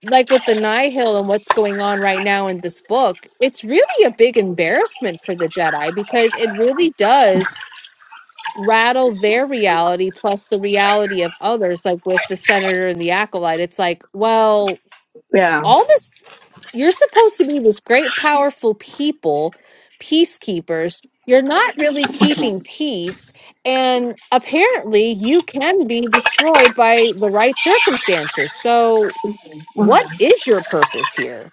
B: like with the Nihil and what's going on right now in this book, it's really a big embarrassment for the Jedi because it really does rattle their reality plus the reality of others, like with the senator and the acolyte. It's like, well,
C: yeah
B: all this, you're supposed to be this great, powerful people, peacekeepers. You're not really
C: mhm,
B: keeping peace. And apparently, you can be destroyed by the right circumstances. So, what
C: mhm.
B: is your purpose here?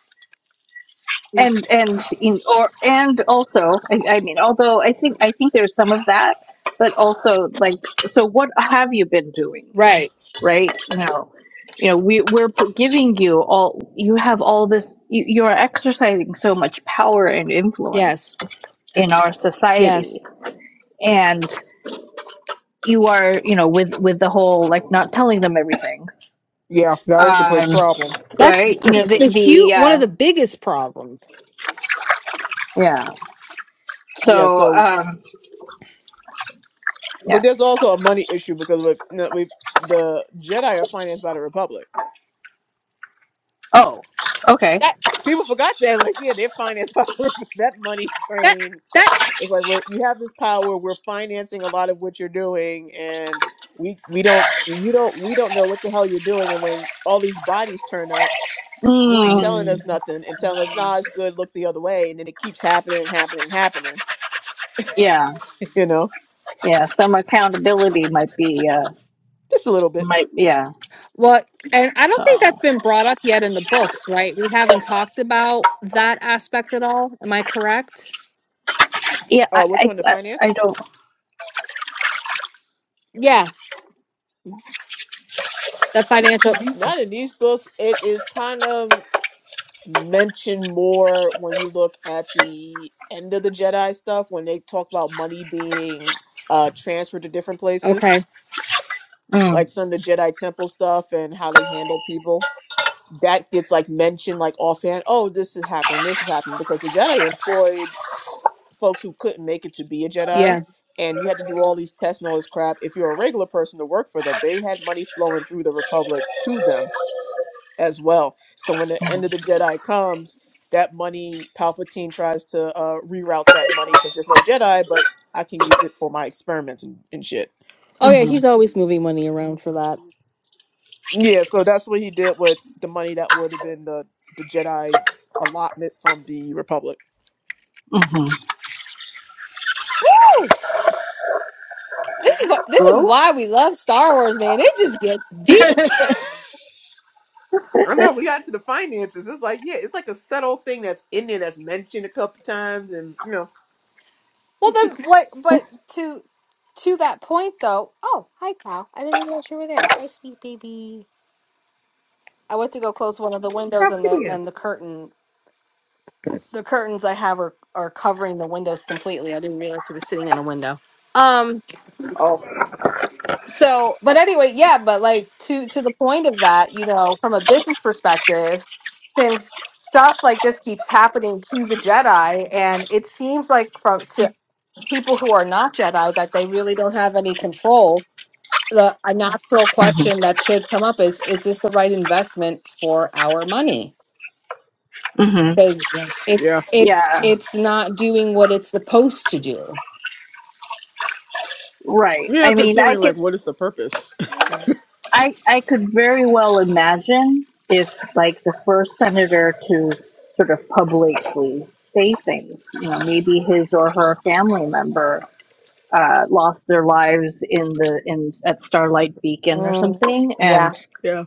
C: and and in or and also I, I mean although i think i think there's some of that but also like so what have you been doing
B: Right.
C: right? You know, you know, we we're p- giving you all. You have all this. You you are exercising so much power and influence
B: Yes.
C: in our society,
B: Yes.
C: and you are, you know, with with the whole like not telling them everything,
A: Yeah, that was the big
C: um,
A: problem
B: That's
C: right? You know,
B: it's
C: the
B: the
C: the
B: huge one
C: uh,
B: of the biggest problems.
C: yeah.
A: yeah
C: So
A: so
C: um,
A: but
C: yeah.
A: there's also a money issue because we we the jedi are financed by the republic
C: Oh, okay.
B: That
A: people forgot that like yeah they're financed by that money
B: that
A: train
B: that.
A: it's like we're, you have this power we're financing a lot of what you're doing and we we don't you don't we don't know what the hell you're doing and when all these bodies turn up You ain't
C: Mm,
A: telling
B: Mm.
A: us nothing and telling us, nah, it's good, look the other way. And then it keeps happening and happening and happening,
C: yeah,
A: you know,
C: yeah. Some accountability might be uh,
A: just a little bit.
C: might yeah.
B: Well, and I don't
C: So
B: think that's been brought up yet in the books, right? We haven't talked about that aspect at all. Am I correct?
C: yeah, I
A: Uh, which
C: I
A: one, the
C: I, I
A: finance?
C: don't.
B: Yeah, the financial.
A: Not in these books. It is kind of mentioned more when you look at the end of the Jedi stuff, when they talk about money being uh, transferred to different places,
B: Okay,
C: Mm,
A: like some of the Jedi temple stuff and how they handle people. That gets like mentioned like offhand. Oh, this has happened. This has happened because the Jedi employed folks who couldn't make it to be a Jedi,
B: yeah.
A: and you had to do all these tests and all this crap. If you're a regular person to work for them, they had money flowing through the Republic to them as well. So when the end of the Jedi comes, that money Palpatine tries to uh, reroute that money because there's no Jedi, but I can use it for my experiments and, and shit.
B: Oh yeah,
C: mhm.
B: he's always moving money around for that.
A: Yeah, so that's what he did with the money that would have been the the Jedi allotment from the Republic.
C: Mhm.
B: Woo! This is what this is
C: Grow?
B: why we love Star Wars, man. It just gets deep.
C: Mhm.
A: I know we got to the finances. It's like, yeah, it's like a subtle thing that's in there that's mentioned a couple times, and you know,
B: Well, then what? But to to that point, though. Oh, hi, Cal. I didn't realize you were there. Hi, sweet baby. I went to go close one of the windows
A: how
B: and
A: could
B: the
A: you?
B: and the curtain the curtains I have are are covering the windows completely. I didn't realize it was sitting in a window. Um so but anyway, yeah, but like to to the point of that, you know, from a business perspective, since stuff like this keeps happening to the Jedi and it seems like from to people who are not Jedi that they really don't have any control. The a natural question that should come up is is this the right investment for our money?
C: Mhm.
B: Because it's
A: Yeah.
B: it's
C: yeah,
B: it's not doing what it's supposed to do
C: right.
A: Yeah,
C: I mean, I
A: considering
C: could,
A: like what is the purpose?
C: I, I could very well imagine if like the first senator to sort of publicly say things, you know, maybe his or her family member uh, lost their lives in the in at Starlight Beacon or
B: Mm,
C: something,
B: yeah.
C: and
A: Yeah.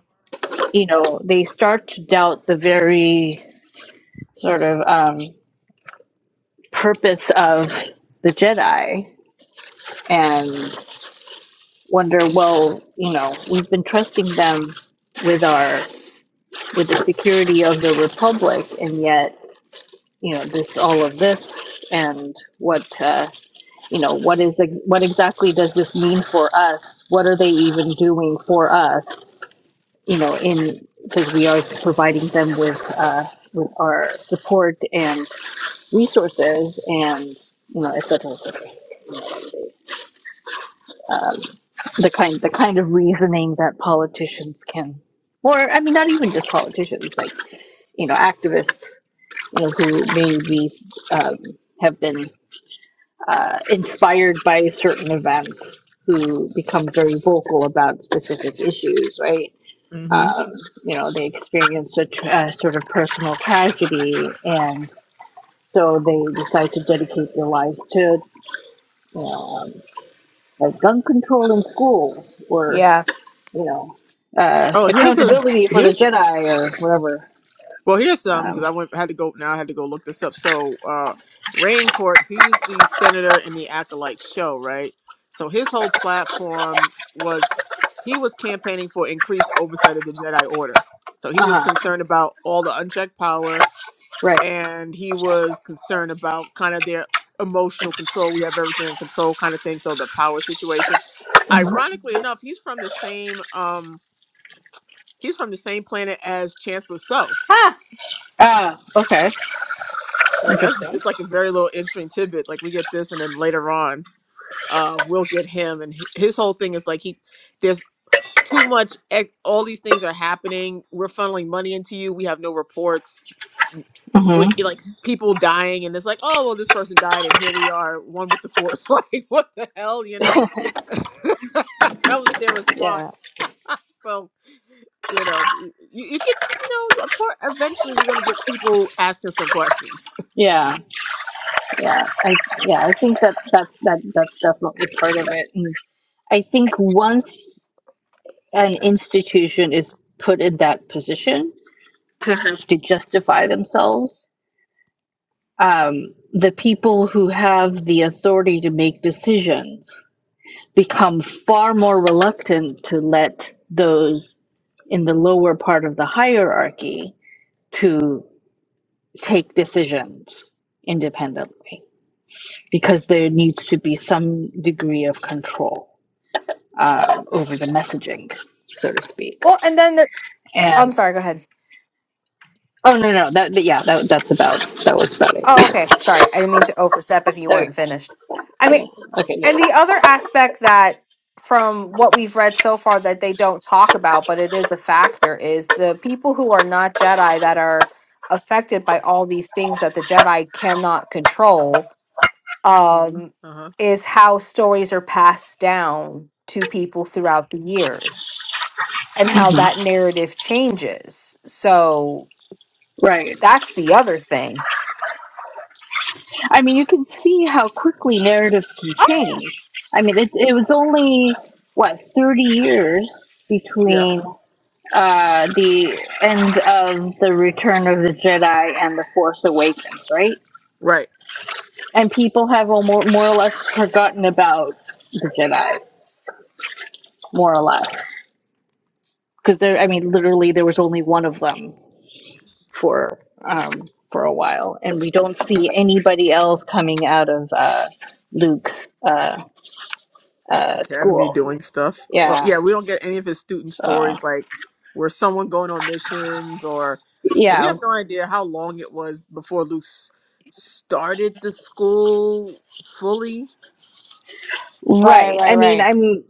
C: you know they start to doubt the very sort of um, purpose of the Jedi and. wonder, well, you know, we've been trusting them with our with the security of the republic, and yet, you know, this all of this, and what, uh, you know, what is what exactly does this mean for us? What are they even doing for us? You know, in because we are providing them with uh, with our support and resources, and you know, et cetera, et cetera. um, the kind the kind of reasoning that politicians can, or I mean, not even just politicians, like you know, activists, you know, who maybe um, have been uh, inspired by certain events, who become very vocal about specific issues, right?
A: hmm
C: Um, you know, they experience a, tr a sort of personal tragedy, and so they decide to dedicate their lives to, you know, um, like gun control in schools, or
B: Yeah.
C: you know, uh,
A: Oh, here's a
C: accountability for
A: here's
C: the Jedi or whatever.
A: Well, here's some because
C: Um,
A: I went had to go now. I had to go look this up. So, uh, Raincourt, he was the senator in the Acolyte show, right? So his whole platform was he was campaigning for increased oversight of the Jedi Order. So he
C: uh
A: was
C: huh.
A: concerned about all the unchecked power,
C: Right.
A: and he was concerned about kind of their emotional control. We have everything in control, kind of thing. So the power situation.
C: Mm-hmm.
A: Ironically enough, he's from the same um he's from the same planet as Chancellor So.
B: Ah.
C: Ah. Okay.
A: So that's
C: Interesting.
A: it's like a very little interesting tidbit. Like we get this, and then later on, uh, we'll get him. And hi- his whole thing is like he there's too much. ex- All these things are happening. We're funneling money into you. We have no reports. With like s- people dying, and it's like, oh well, this person died, and here we are, one with the force. Like what the hell, you
C: Mm-hmm.
A: know? that was their
C: yeah.
A: response. So you know, y- you you could you know, you- of course, eventually you're gonna get people asking some questions.
C: Yeah. Yeah. I yeah. I think that that's that that's definitely part of it. And I think once an institution is put in that position to have to justify themselves, um, the people who have the authority to make decisions become far more reluctant to let those in the lower part of the hierarchy to take decisions independently because there needs to be some degree of control uh, over the messaging, so to speak.
B: Well, and then there. I'm
C: And
B: sorry. Go ahead.
C: oh no, no, that yeah, that that's about that was about it.
B: Oh, okay. Sorry, I didn't mean to overstep if you
C: Okay,
B: weren't finished. I mean,
C: okay, no,
B: And
C: no.
B: the other aspect that, from what we've read so far, that they don't talk about, but it is a factor, is the people who are not Jedi that are affected by all these things that the Jedi cannot control, um,
A: Uh
B: is how stories are passed down to people throughout the years and how that
C: Mhm.
B: narrative changes. So
C: right.
B: that's the other thing.
C: I mean, you can see how quickly narratives can change. I mean, it, it was only, what, 30 years
A: huh.
C: between uh, the end of The Return of the Jedi and The Force Awakens, right?
A: Right.
C: And people have almost, more or less forgotten about the Jedi, more or less. Because there, I mean, literally, there was only one of them for. Um, for a while, and we don't see anybody else coming out of uh, Luke's uh, uh,
A: Academy
C: school
A: doing stuff. Well,
C: Yeah.
A: yeah, we don't get any of his student
C: So
A: stories like where someone going on missions or and we
C: yeah,
A: have no idea how long it was before Luke s- started the school fully.
B: Right,
C: right.
B: right,
C: I mean,
B: right.
C: I'm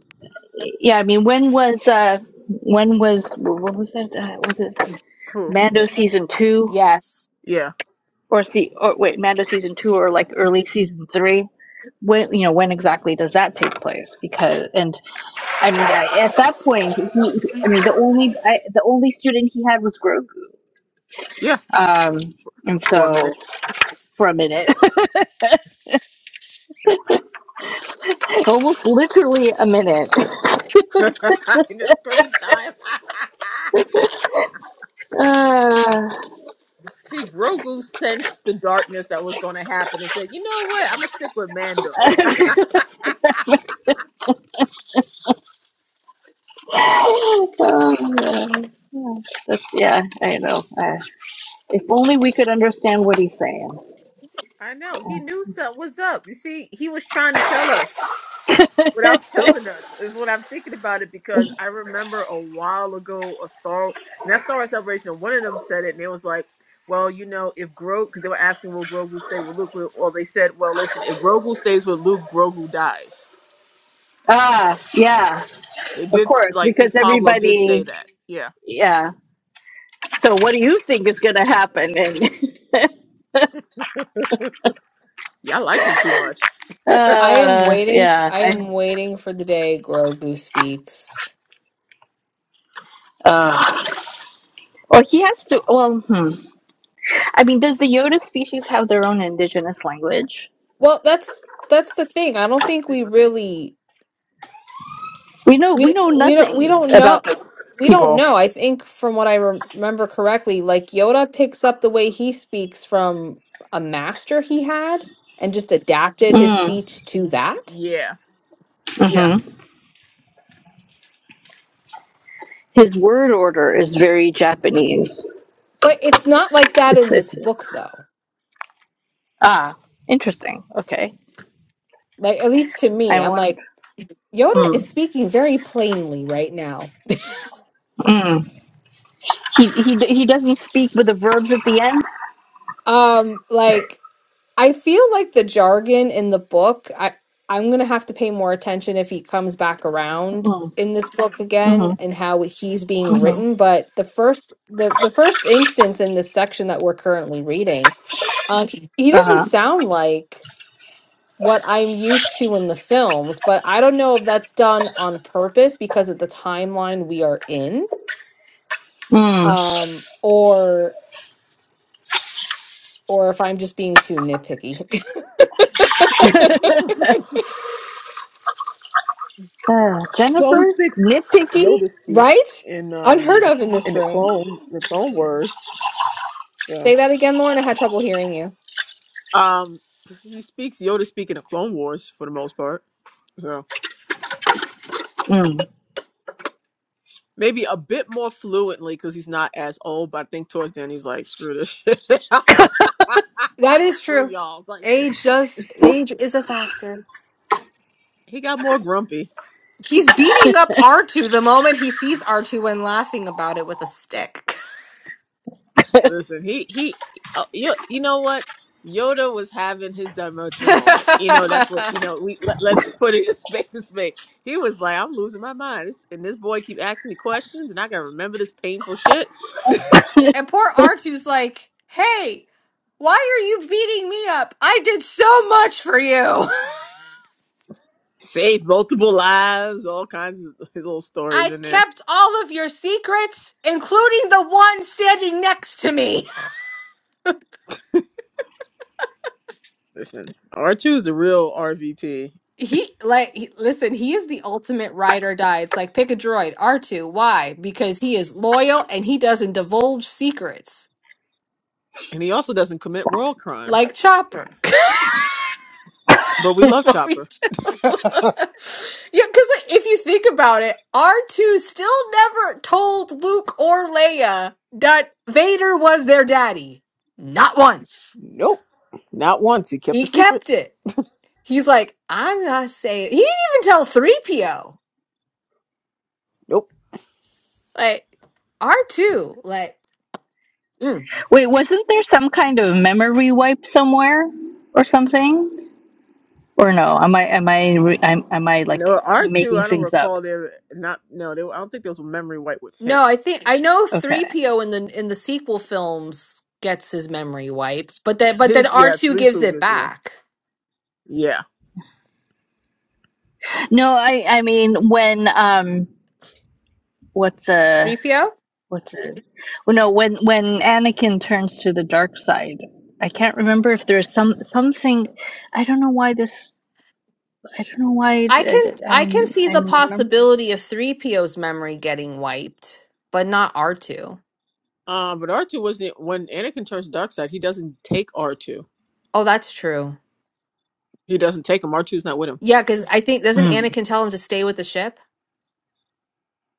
C: yeah. I mean, when was uh when was what was that? Uh, was it
A: Who?
C: Mando season two
B: Yes.
A: Yeah.
C: or see or wait Mando season two or like early season three? When you know when exactly does that take place? Because and I mean I- at that point he I mean the only I, the only student he had was Grogu.
A: Yeah,
C: Um, and
A: for a
C: so
A: minute.
C: for a minute. Almost literally a minute.
A: In the screen time.
C: Uh,
A: See, Grogu sensed the darkness that was going to happen and said, "You know what? I'm going to stick with Mando."
C: oh, That's, yeah, I know. Uh, if only we could understand what he's saying.
A: I know. He knew something was up. You see, he was trying to tell us. without telling us is what I'm thinking about it because I remember a while ago a Star not Star Wars Celebration. One of them said it and it was like, well, you know, if Grogu because they were asking will Grogu stay with Luke, well they said, well, listen, if Grogu stays with Luke, Grogu dies.
C: Ah, yeah,
A: They
C: of
A: did s-
C: course,
A: like
C: because
A: think Pablo did say
C: everybody,
A: that. Yeah,
C: yeah. So, what do you think is going to happen? And
A: yeah, I like him too much.
B: I am
C: uh,
B: waiting. f-
C: yeah,
B: I
C: I,
B: am waiting for the day Grogu speaks.
C: uh, or he has to. Well, hmm. I mean, does the Yoda species have their own indigenous language?
B: Well, that's that's the thing. I don't think
A: They
B: we
A: might.
B: really
C: We know we
B: we
C: know
B: we don't we
C: nothing
B: don't know
C: about this
B: we don't
C: people.
B: know. I think from what I rem- remember correctly, like Yoda picks up the way he speaks from a master he had and just adapted his
C: Mm,
B: speech to that.
A: Yeah, yeah.
C: hmm His word order is very Japanese.
B: But it's not like that
C: It's
B: in this
C: it's
B: book, though.
C: ah interesting. Okay,
B: Like at least to
C: I
B: me, I'm
C: wonder.
B: like Yoda is
C: Mm,
B: speaking very plainly right now.
C: mm. He he he doesn't speak with the verbs at the end.
B: Um, like. I feel like the jargon in the book, I I'm gonna have to pay more attention if he comes back around
C: Mm,
B: in this book again
C: mm-hmm,
B: and how he's being
C: mm-hmm.
B: written. But the first the the first instance in this section that we're currently reading, um, he, he
C: Uh
B: doesn't
C: huh.
B: sound like what I'm used to in the films, but I don't know if that's done on purpose because of the timeline we are in,
C: Mm.
B: um, or or if I'm just being too nitpicky,
C: Uh,
A: Well, he
C: Jennifer
A: speaks
C: nitpicky.
A: Yoda speak
B: right?
A: in
B: Unheard
A: um
B: of in
A: in
B: this
A: the
B: room.
A: clone the Clone Wars. So
B: Say that again, Lauren. I had trouble hearing you.
A: um, he speaks Yoda speak in the Clone Wars for the most part. so.
C: Mm.
A: maybe a bit more fluently because he's not as old. But I think towards the end he's like, screw this shit.
B: That
A: like
B: is
A: screw
B: true.
A: y'all. Like
B: Age does age is a factor.
A: he got more grumpy.
B: He's beating up R2 the moment he sees R2 and laughing about it with a stick.
A: Listen, he he, uh, you you know what? Yoda was having his demotion moment. You know that's what
B: and
A: you know. We let, let's put it in space to space. He was like, I'm losing my mind, This- and this boy keep asking me questions, and I gotta remember this painful shit.
B: poor r two's like, hey, why are you beating me up? I did so much for you.
A: Saved multiple lives, all kinds of little stories
B: I
A: in there.
B: kept all of your secrets, including the one standing next to me.
A: Listen, R2 is a real RVP,
B: He like he, listen, he is the ultimate ride or die. It's like pick a droid, R2. Why? Because he is loyal and he doesn't divulge secrets
A: and he also doesn't commit royal crimes.
B: like Chopper.
A: But we love
B: What we do-
A: Chopper.
B: yeah, because if you think about it, R2 still never told Luke or Leia that Vader was their daddy. Not once.
A: Nope, not once. He kept the
B: He
A: secret.
B: kept it. He's like, I'm not saying. He didn't even tell 3PO.
A: Nope.
B: Like, R2, like, mm.
C: Wait, wasn't there some kind of memory wipe somewhere or something? Or no? Am I am I re- am, am I like
A: No, R2,
C: making
A: I don't
C: things up?
A: recall there not no, there I don't think there was a memory wipe with
B: No,
A: him.
B: I think I know
C: Okay.
B: 3PO in the in the sequel films gets his memory wiped, but then but then
A: His yeah,
B: R2
A: three
B: gives it
A: Pugas, yeah.
B: back.
A: Yeah.
C: No, I I mean when um what's a
B: 3PO?
C: what's a well, no when when Anakin turns to the dark side. I can't remember if there's some something. I don't know why this. I don't know why
B: I
C: th-
B: can
C: th-
B: I can
C: I'm
B: see the
C: I'm remembering
B: possibility of
C: this.
B: 3PO's memory getting wiped, but not R2.
A: Um, but R2 wasn't when Anakin turns dark side, he doesn't take R2.
B: Oh, that's true.
A: He doesn't take him. R2's not with him.
B: Yeah, cuz I think doesn't
C: Mm,
B: Anakin tell him to stay with the ship?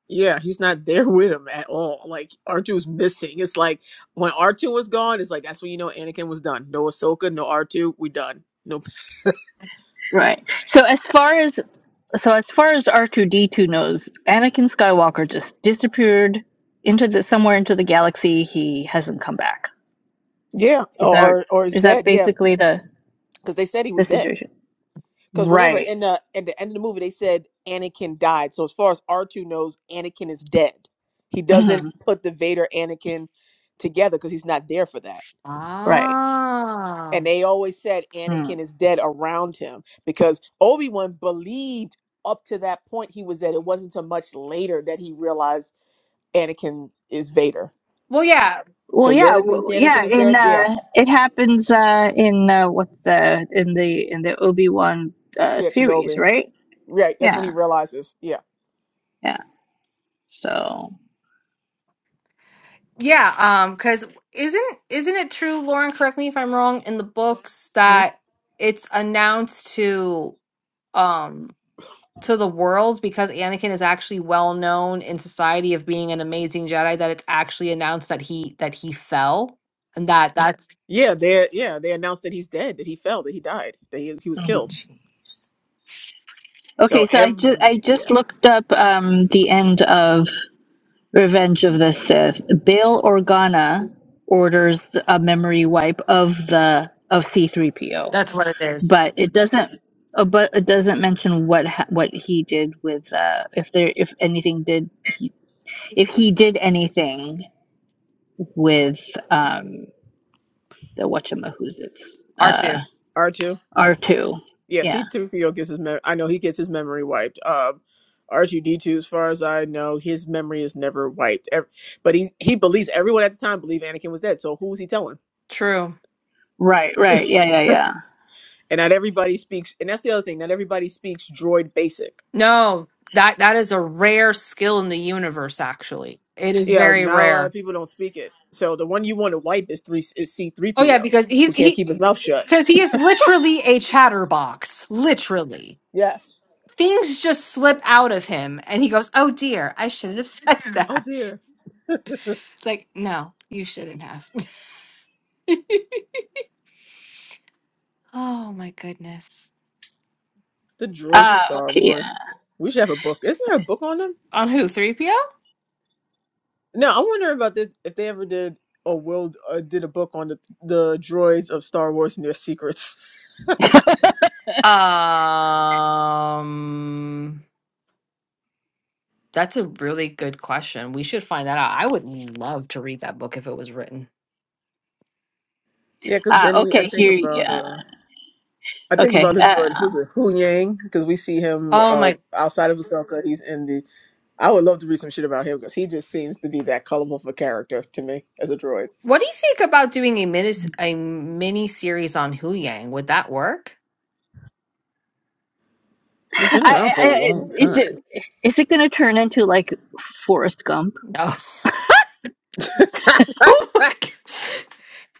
A: Yeah, he's not there with him at all. Like R2's missing. It's like when R2 was gone, it's like that's when you know Anakin was done. No Ahsoka, no R2, we done. No
C: right. So as far as So as far as R two D two knows, Anakin Skywalker just disappeared into the somewhere into the galaxy. He hasn't come back.
A: Yeah,
C: Is
A: or
C: that
A: or, or is
C: is that
A: dead. Yeah,
C: basically the
A: because they said he
C: the
A: was dead.
C: situation?
A: Because remember,
C: Right.
A: in the at the end of the movie, they said Anakin died. So as far as R two knows, Anakin is dead. He doesn't
C: hmm
A: put the Vader Anakin together because he's not there for that.
C: Right.
B: Ah.
A: and they always said
C: Hmm.
A: Anakin is dead around him because Obi Wan believed up to that point he was dead. It wasn't until much later that he realized Anakin is Vader.
B: Well, yeah,
C: Well,
A: So
C: yeah,
A: Yoda thinks
C: w-
A: Anakin
C: yeah.
A: is
C: In
A: dead. Yeah,
C: uh, it happens uh, in uh, what's the in the in the Obi Wan uh,
A: yeah,
C: series,
A: Kenobi.
C: right?
A: Right, that's when
C: Yeah,
A: he realizes. Yeah,
C: yeah. So.
B: yeah. Um, because isn't isn't it true, Lauren? Correct me if I'm wrong. In the books,
A: hmm
B: that it's announced to um to the world because Anakin is actually well known in society of being an amazing Jedi. That it's actually announced that he that he fell, and that that's
A: yeah, they yeah they announced that he's dead, that he fell, that he died, that he, he was killed.
C: Mhm.
B: jeez,
C: Okay,
A: So
C: so I just I
A: every
C: just
A: yeah
C: looked up um, the end of Revenge of the Sith. Bail Organa orders a memory wipe of the of C three PO.
B: that's what it is.
C: but it doesn't uh, but it doesn't mention what ha- what he did with uh if there if anything did he if he did anything with um the whatchamahoozits
B: R
C: uh
B: two.
A: R two.
C: r2
A: Yeah,
C: yeah
A: C three PO gets his. Mem- I know he gets his memory wiped. Um, R two D two, as far as I know, his memory is never wiped. Ev- but he he believes everyone at the time believed Anakin was dead. So who's he telling?
B: True.
C: right right yeah yeah yeah
A: And not everybody speaks. And that's the other thing. Not everybody speaks droid basic.
B: No, that that is a rare skill in the universe. Actually, it is
A: Yeah,
B: very
A: not a lot
B: rare.
A: of people don't speak it. So the one you want to wipe is three is C three
B: Oh yeah,
A: PO,
B: because
A: who
B: he's
A: can't
B: he
A: keep his mouth shut.
B: because he is literally a chatterbox. Literally.
A: Yes.
B: Things just slip out of him and he goes, Oh dear, I shouldn't have said
A: Oh
B: that.
A: dear.
B: It's like, no, you shouldn't have. oh my goodness.
A: The droids of
C: ah
A: Star
C: okay yeah
A: Wars. We should have a book. Isn't there a book on them?
B: On who? 3PO?
A: Now I wonder about this if they ever did or will uh, did a book on the the droids of Star Wars and their secrets.
B: Um that's a really good question. We should find that out. I would love to read that book if it was written.
A: Yeah, because
C: ah
A: then I
C: okay
A: think
C: here
A: about
C: yeah
A: uh I think
C: okay
A: about the droid
C: uh
A: who's it Hu Yang because we see him
B: Oh my
A: uh outside of Ahsoka he's in the I would love to read some shit about him because he just seems to be that colorful for character to me as a droid.
B: What do you think about doing a mini a mini series on Hu Yang? Would that work?
A: He's
C: I,
A: been around for
C: I,
A: a
C: I
A: long
C: is it
A: time.
C: is it gonna turn into like Forrest Gump?
B: No.
A: oh,
B: Oh my God.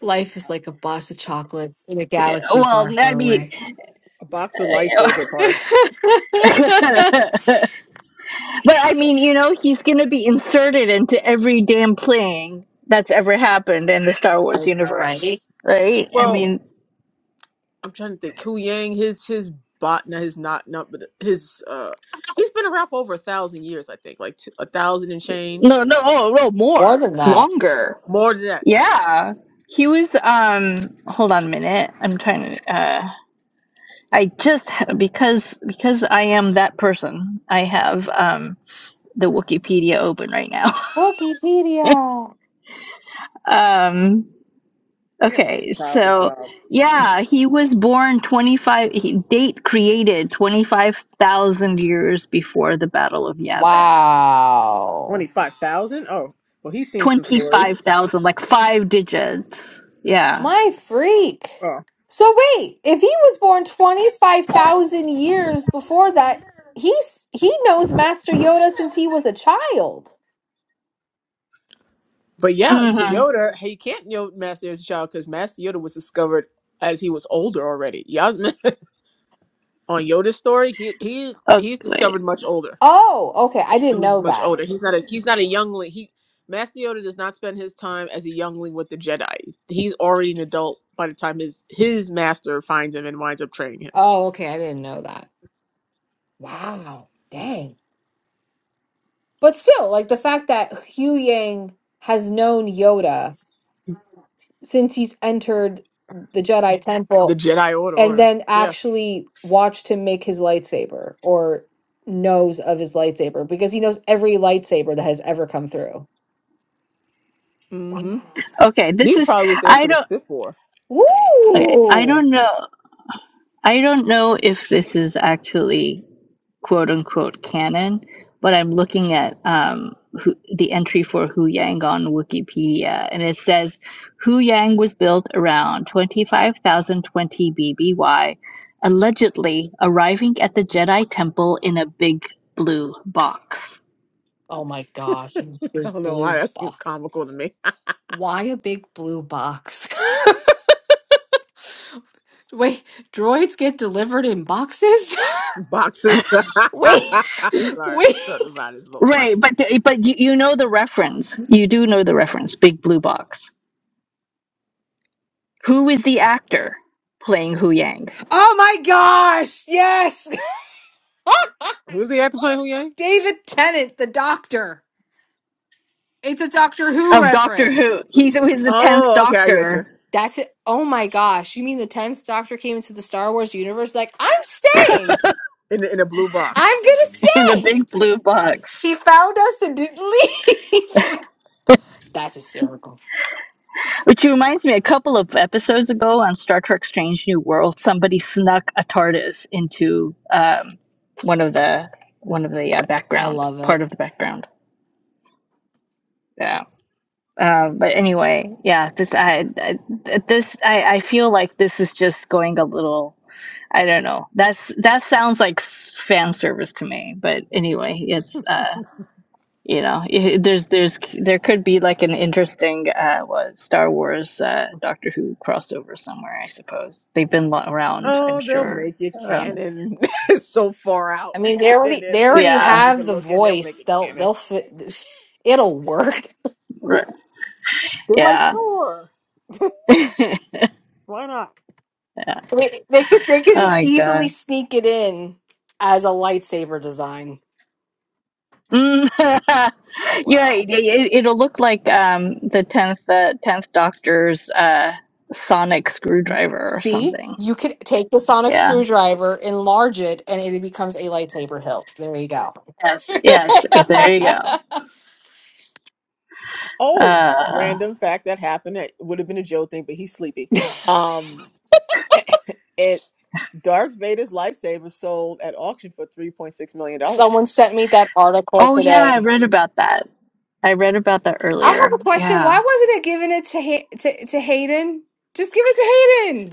B: Life is like a box of chocolates in a
C: Yeah,
B: galaxy
C: Well,
B: far,
C: I
B: far
C: mean,
B: away.
A: A box of lightsaber parts.
C: But I mean, you know, he's gonna be inserted into every damn thing that's ever happened in the Star Wars
A: Oh God.
C: universe,
B: right?
C: right? I
A: Well,
C: mean,
A: I'm trying to think. Ku Yang, his his bot, not his not not, but his uh, he's been around for over a thousand years, I think, like two, a thousand and change,
C: no, no, oh, no,
B: More
C: more,
B: than that.
C: longer.
A: more than that.
C: Yeah, he was. Um, hold on a minute. I'm trying to. Uh, I just because because I am that person. I have um the Wikipedia open right now.
B: Wikipedia.
C: Um,
A: We have to get
C: Okay,
A: Child a
C: so
A: job.
C: yeah, he was born 25, he, date created 25,000 years before the Battle of Yavin.
B: Wow.
A: Twenty five thousand. Oh, well, he's seen some stories.
C: 25,000, like five digits. Yeah.
B: My freak.
A: Oh,
B: So wait, if he was born 25,000 years before that, he's he knows Master Yoda since he was a child.
A: but yeah, it's the
C: Mm-hmm.
A: Yoda. Hey, you can't know Master as a child because Master Yoda was discovered as he was older already. Y'all on Yoda's story, he he he's
C: Okay.
A: discovered much older.
B: Oh, okay. I didn't
A: He's
B: know
A: much
B: that.
A: older. He's not a he's not a youngling. He Master Yoda does not spend his time as a youngling with the Jedi. He's already an adult by the time his his master finds him and winds up training
B: Oh, okay. I didn't know that. Wow. Dang. But still, like the fact that Hu Yang has known Yoda
A: him.
B: since he's entered the Jedi
A: The
B: Temple
A: Jedi Order
B: and
A: Order.
B: then
A: Yeah.
B: actually watched him make his lightsaber or knows of his lightsaber because he knows every lightsaber that has ever come through. Wow.
A: Mm-hmm.
C: Okay,
A: He
C: this is,
A: probably was there
C: I
A: for the
C: don't,
A: Sith War.
C: okay, I
B: Woo!
C: don't know. I don't know if this is actually quote unquote canon, but I'm looking at um, who, the entry for Hu Yang on Wikipedia, and it says Hu Yang was built around 25,020 BBY, allegedly arriving at the Jedi Temple in a big blue box.
B: Oh my gosh. And big
A: I don't know why
B: blue
A: that seems comical to me.
B: Why a big blue box? Wait, droids get delivered in boxes?
A: Boxes.
B: Wait,
A: I'm sorry.
B: wait.
A: Something about it is a little
C: Right,
A: funny.
C: but but you, you know the reference. You do know the reference, Big Blue Box. Who is the actor playing Hu Yang
B: Oh my gosh, yes!
A: Who's he at the point, Huyang?
B: David Tennant, the doctor. It's a Doctor Who
C: of Doctor Who?
B: reference.
C: He's, he's the tenth
A: Oh, okay, I get you.
C: Doctor
B: That's it. Oh my gosh. You mean the 10th Doctor came into the Star Wars universe? Like, I'm staying.
A: In the in a blue box.
B: I'm going to
C: in a
B: stay.
C: big blue box.
B: He found us and didn't leave. That's hysterical.
C: Which reminds me, a couple of episodes ago on Star Trek: Strange New World, somebody snuck a TARDIS into um, one of the one of the uh,
B: I
C: background
B: love
C: part
B: it.
C: of the background. Yeah. Uh, but anyway, yeah. This I, I this I, I feel like this is just going a little. I don't know. That's that sounds like fan service to me. But anyway, it's. uh, you know it, there's there's there could be like an interesting uh what star wars uh doctor who crossover somewhere i suppose they've been lo- around i'm
A: Oh, they'll
C: sure
A: make it
C: around the-
A: canon. It's so far
B: I
A: out.
B: mean, they
A: they
B: already
A: are
B: they
A: places
B: already
A: they're
C: yeah
A: not
B: have
A: even
B: the
A: looking. They'll make
B: voice.
A: it
B: They'll
A: canon.
B: they'll fit. It'll work.
C: right.
A: They're like,
C: yeah
A: sure,
C: yeah
A: why not?
C: oh
B: I mean, they could they could just
C: my
B: easily
C: god
B: sneak it in as a lightsaber design.
C: Mm.
A: Oh,
C: yeah
A: Wow.
C: it, it, it'll look like um the 10th uh, 10th doctor's uh sonic screwdriver or
B: See,
C: something
B: you could take the sonic
C: yeah
B: screwdriver, enlarge it, and it becomes a lightsaber hilt. There you go. Yes.
C: yes there you go
A: Oh,
C: uh
A: random fact that happened. It would have been a Joe thing, but he's sleepy. Um, it Darth Vader's lightsaber sold at auction for three point six million dollars.
B: Someone sent me that article
C: Oh yeah, I
B: today.
C: read about that. I read about that
B: I have
C: earlier.
B: a question.
C: Yeah.
B: Why wasn't it given it to ha- to, to Hayden? Just give it to Hayden.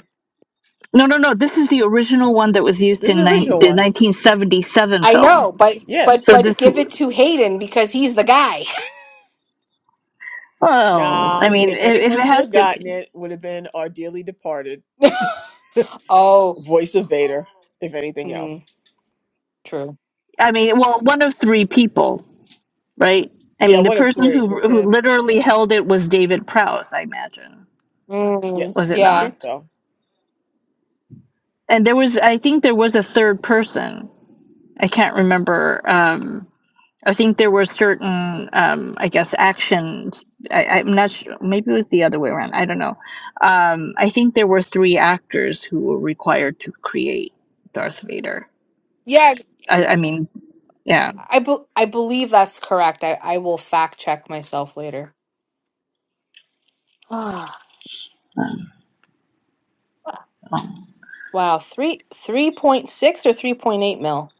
C: No, no, no. This is the original one that was used
A: This is
C: in
A: the
C: nine
A: original
C: the
A: one.
C: 1977
B: I know,
C: film.
B: but
A: Yes.
B: but
C: So
B: but
C: this,
B: give it to Hayden because he's the guy.
C: well, I
A: Nah,
C: mean,
A: if
C: if, if
A: anyone
C: it
A: should
C: has
A: have
C: to
A: gotten
C: be,
A: it, would have been our dearly departed
B: Oh,
A: voice of Vader, if anything else.
B: mm, true.
C: I mean, well, one of three people, right? I
A: Yeah,
C: mean, the
A: one of
C: person
A: three.
C: who
A: It's
C: who
A: him.
C: literally held it was David Prowse, I imagine.
B: Mm,
C: Was
A: Yes,
C: it
A: I
B: yeah,
A: think
C: not?
A: so.
C: And there was, I think, there was a third person. I can't remember. Um, I think there were certain, um, I guess, actions. I, I'm not sure. Maybe it was the other way around. I don't know. Um, I think there were three actors who were required to create Darth Vader.
B: yeah.
C: I, I mean, yeah,
B: I be- I believe that's correct. I I will fact check myself later. wow,
C: Um, um,
B: three three point six or three point eight mil.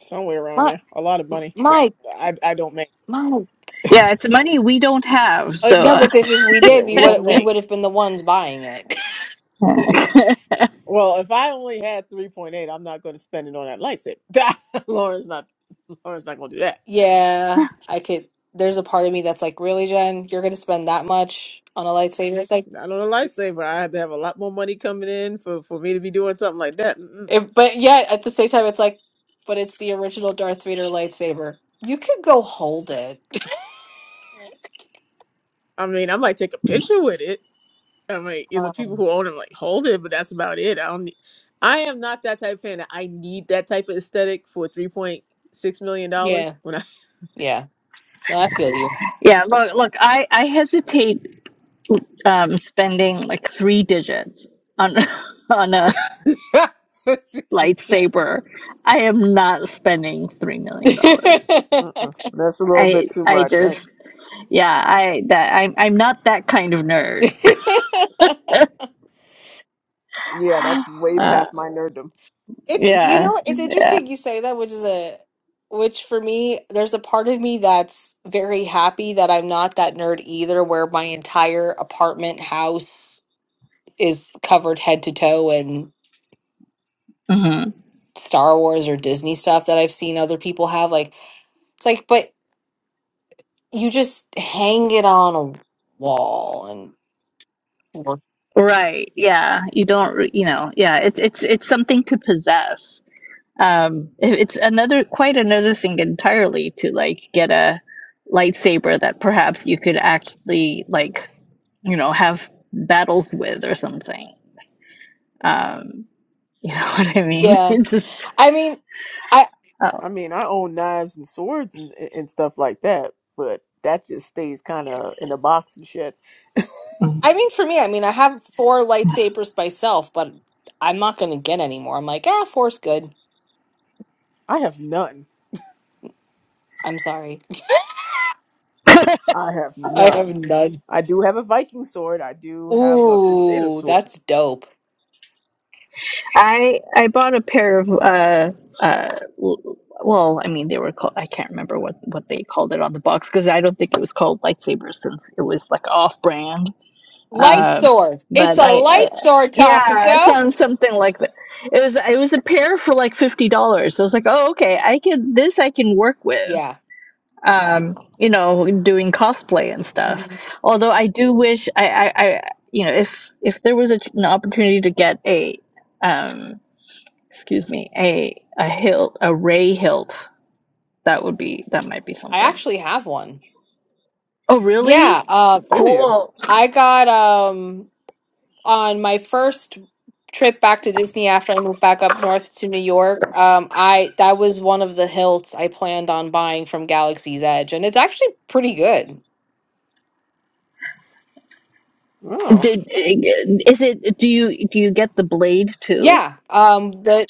A: Somewhere around
B: My
A: there. A lot of money that
B: my
A: I, I don't make.
B: my
C: yeah.
B: God.
C: It's money we don't have,
B: Uh,
C: so.
B: no,
C: Uh,
B: because if, if we
A: Yeah,
B: did, we
A: we don't
B: would we
A: make.
B: would have been the ones buying it.
A: Well, if I only had 3.8, I'm not going to spend it on that lightsaber. Lauren's not Lauren's not going to do that.
B: yeah, I could. There's a part of me that's like, really, Jen, you're gonna spend that much on a lightsaber? It's like.
A: Not on a lightsaber. I have to have a lot more money coming in for, for me to be doing something like that. Mm-mm.
B: It, but yet at the same time, it's like, but it's the original Darth Vader lightsaber. You could go hold it.
A: I mean, I might take a picture with it, I'm like, you know, the people
B: Um,
A: who own them, like, hold it, but that's about it. I don't. Need, I am not that type of fan. that I need that type of aesthetic for three point six million
B: yeah,
A: dollars. When I,
B: yeah. No, I feel you.
C: Yeah, look, look, I, I hesitate um, spending like three digits on on a lightsaber. I am not spending three million dollars.
A: Mm-mm. that's a little bit
C: I
A: too
C: I
A: much. I-
C: just yeah I that I'm I'm not that kind of nerd.
B: it's
A: yeah, that's way
C: Uh,
A: past my nerddom.
B: you
C: yeah,
B: know it's
C: yeah,
B: interesting you say that, which is a which for me there's a part of me that's very happy that I'm not that nerd either, where my entire apartment house is covered head to toe in
C: hmm
B: Star Wars or Disney stuff that I've seen other people have. Like it's like, but you just hang it on a wall and work.
C: right. Yeah, you don't re- you know yeah it's it's it's something to possess. Um, it- it's another quite another thing entirely to like get a lightsaber that perhaps you could actually like you know have battles with or something. Um, you know what I mean?
B: Yeah.
C: It's just
B: I mean, I
C: Oh,
A: I mean, I own knives and swords and and stuff like that, but that just stays kind of in a box and shit.
B: I mean for me, I mean I have four lightsabers myself, but I'm not gonna get any more. I'm like, ah, four's good.
A: I have none.
B: I'm sorry.
A: I have
B: I have
A: none.
B: none.
A: I do have a Viking sword. I do have a Crusader
B: Ooh,
A: sword.
B: that's dope.
C: I I bought a pair of uh uh l- well, I mean they were called I can't remember what what they called it on the box because I don't think it was called lightsabers since it was like off brand.
A: hmm
B: Light
C: Um,
B: sword. It's
C: but
B: a
C: I, I
B: light sword,
C: yeah,
B: Takako.
C: some something like that. It was it was a pair for like fifty dollars. I was like, oh okay, I can this I can work with.
B: Yeah.
C: um, you know, doing cosplay and stuff.
B: hmm
C: Although I do wish I, I, I you know, if if there was a, an opportunity to get a, um, excuse me, a a hilt, a ray hilt, that would be that might be
B: I
C: something.
B: actually have one.
C: Oh, really?
B: Yeah. Uh,
A: Do you?
C: Cool.
B: I got um. on my first trip back to Disney after I moved back up north to New York, um, I that was one of the hilts I planned on buying from Galaxy's Edge, and it's actually pretty good.
A: No.
C: Did is it? Do you do you get the blade too?
B: Yeah, um, the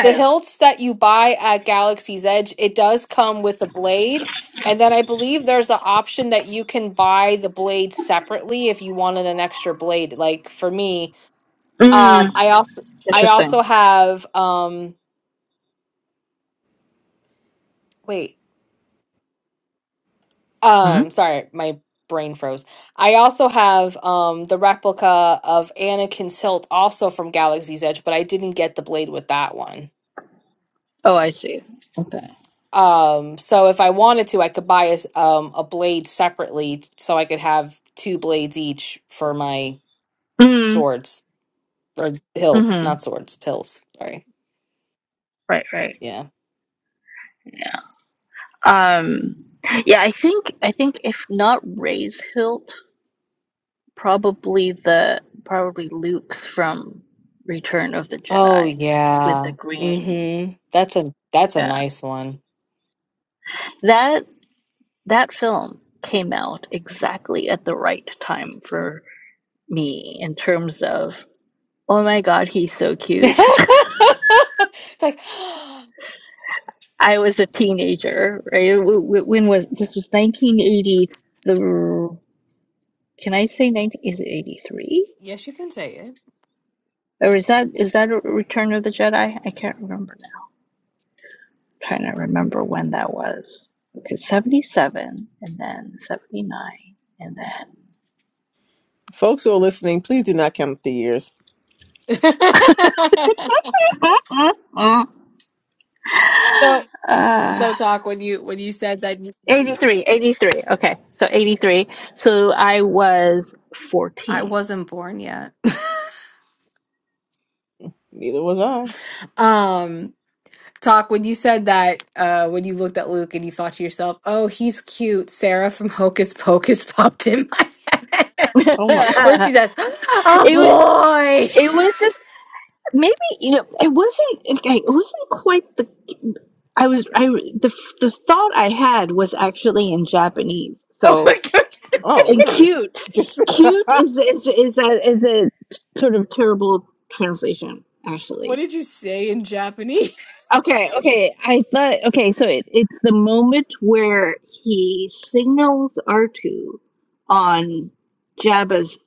B: the hilts that you buy at Galaxy's Edge, it does come with a blade, and then I believe there's an option that you can buy the blade separately if you wanted an extra blade. Like for me, um,
C: Mm,
B: I also I also
C: interesting.
B: have um, wait.
C: hmm
B: Um, sorry, my brain froze. I also have um the replica of Anakin's hilt also from Galaxy's Edge, but I didn't get the blade with that one.
C: Oh, I see. Okay.
B: Um, so if I wanted to, I could buy a s- um a blade separately so I could have two blades each for my
C: Mm,
B: swords or hilts,
C: mhm.
B: not swords, pills. Sorry.
C: Right, right.
B: Yeah.
C: Yeah. Um, yeah, I think I think if not Ray's hilt, probably the probably Luke's from Return of the
B: Oh
C: Jedi with the
B: yeah.
C: green.
B: Mm-hmm. That's a that's a
C: Yeah.
B: nice one.
C: That that film came out exactly at the right time for me in terms of oh my god, he's so cute.
B: It's like
C: I was a teenager, right? W- w- When was this was 1983 Can I say 19? Is it 83?
B: yes, you can say it.
C: Or is that is that a Return of the Jedi? I can't remember now. I'm trying to remember when that was. Okay, 77 and then 79 and then
A: Folks who are listening, please do not count the years.
B: so
C: uh,
B: so talk when you when you said that you,
C: 83, 83. Okay, so 83. So I was
B: I
C: 14.
B: wasn't born yet.
A: Neither was I.
B: um talk when you said that uh when you looked at Luke and you thought to yourself, "Oh, he's cute." Sarah from Hocus Pocus popped in my head.
C: it,
A: Oh my.
B: Where
C: wa-
B: she says, "Oh
C: it
B: boy."
C: was just maybe you know it wasn't okay, it wasn't quite the I was I the the thought I had was actually in Japanese.
B: Oh
C: So
B: my god.
A: Oh
C: and
A: really?
C: cute,
A: This-
C: cute is is is a is a sort of terrible translation
B: What
C: actually.
B: did you say in Japanese?
C: Okay, okay. I thought okay. So it, it's the moment where he signals R two on Jabba's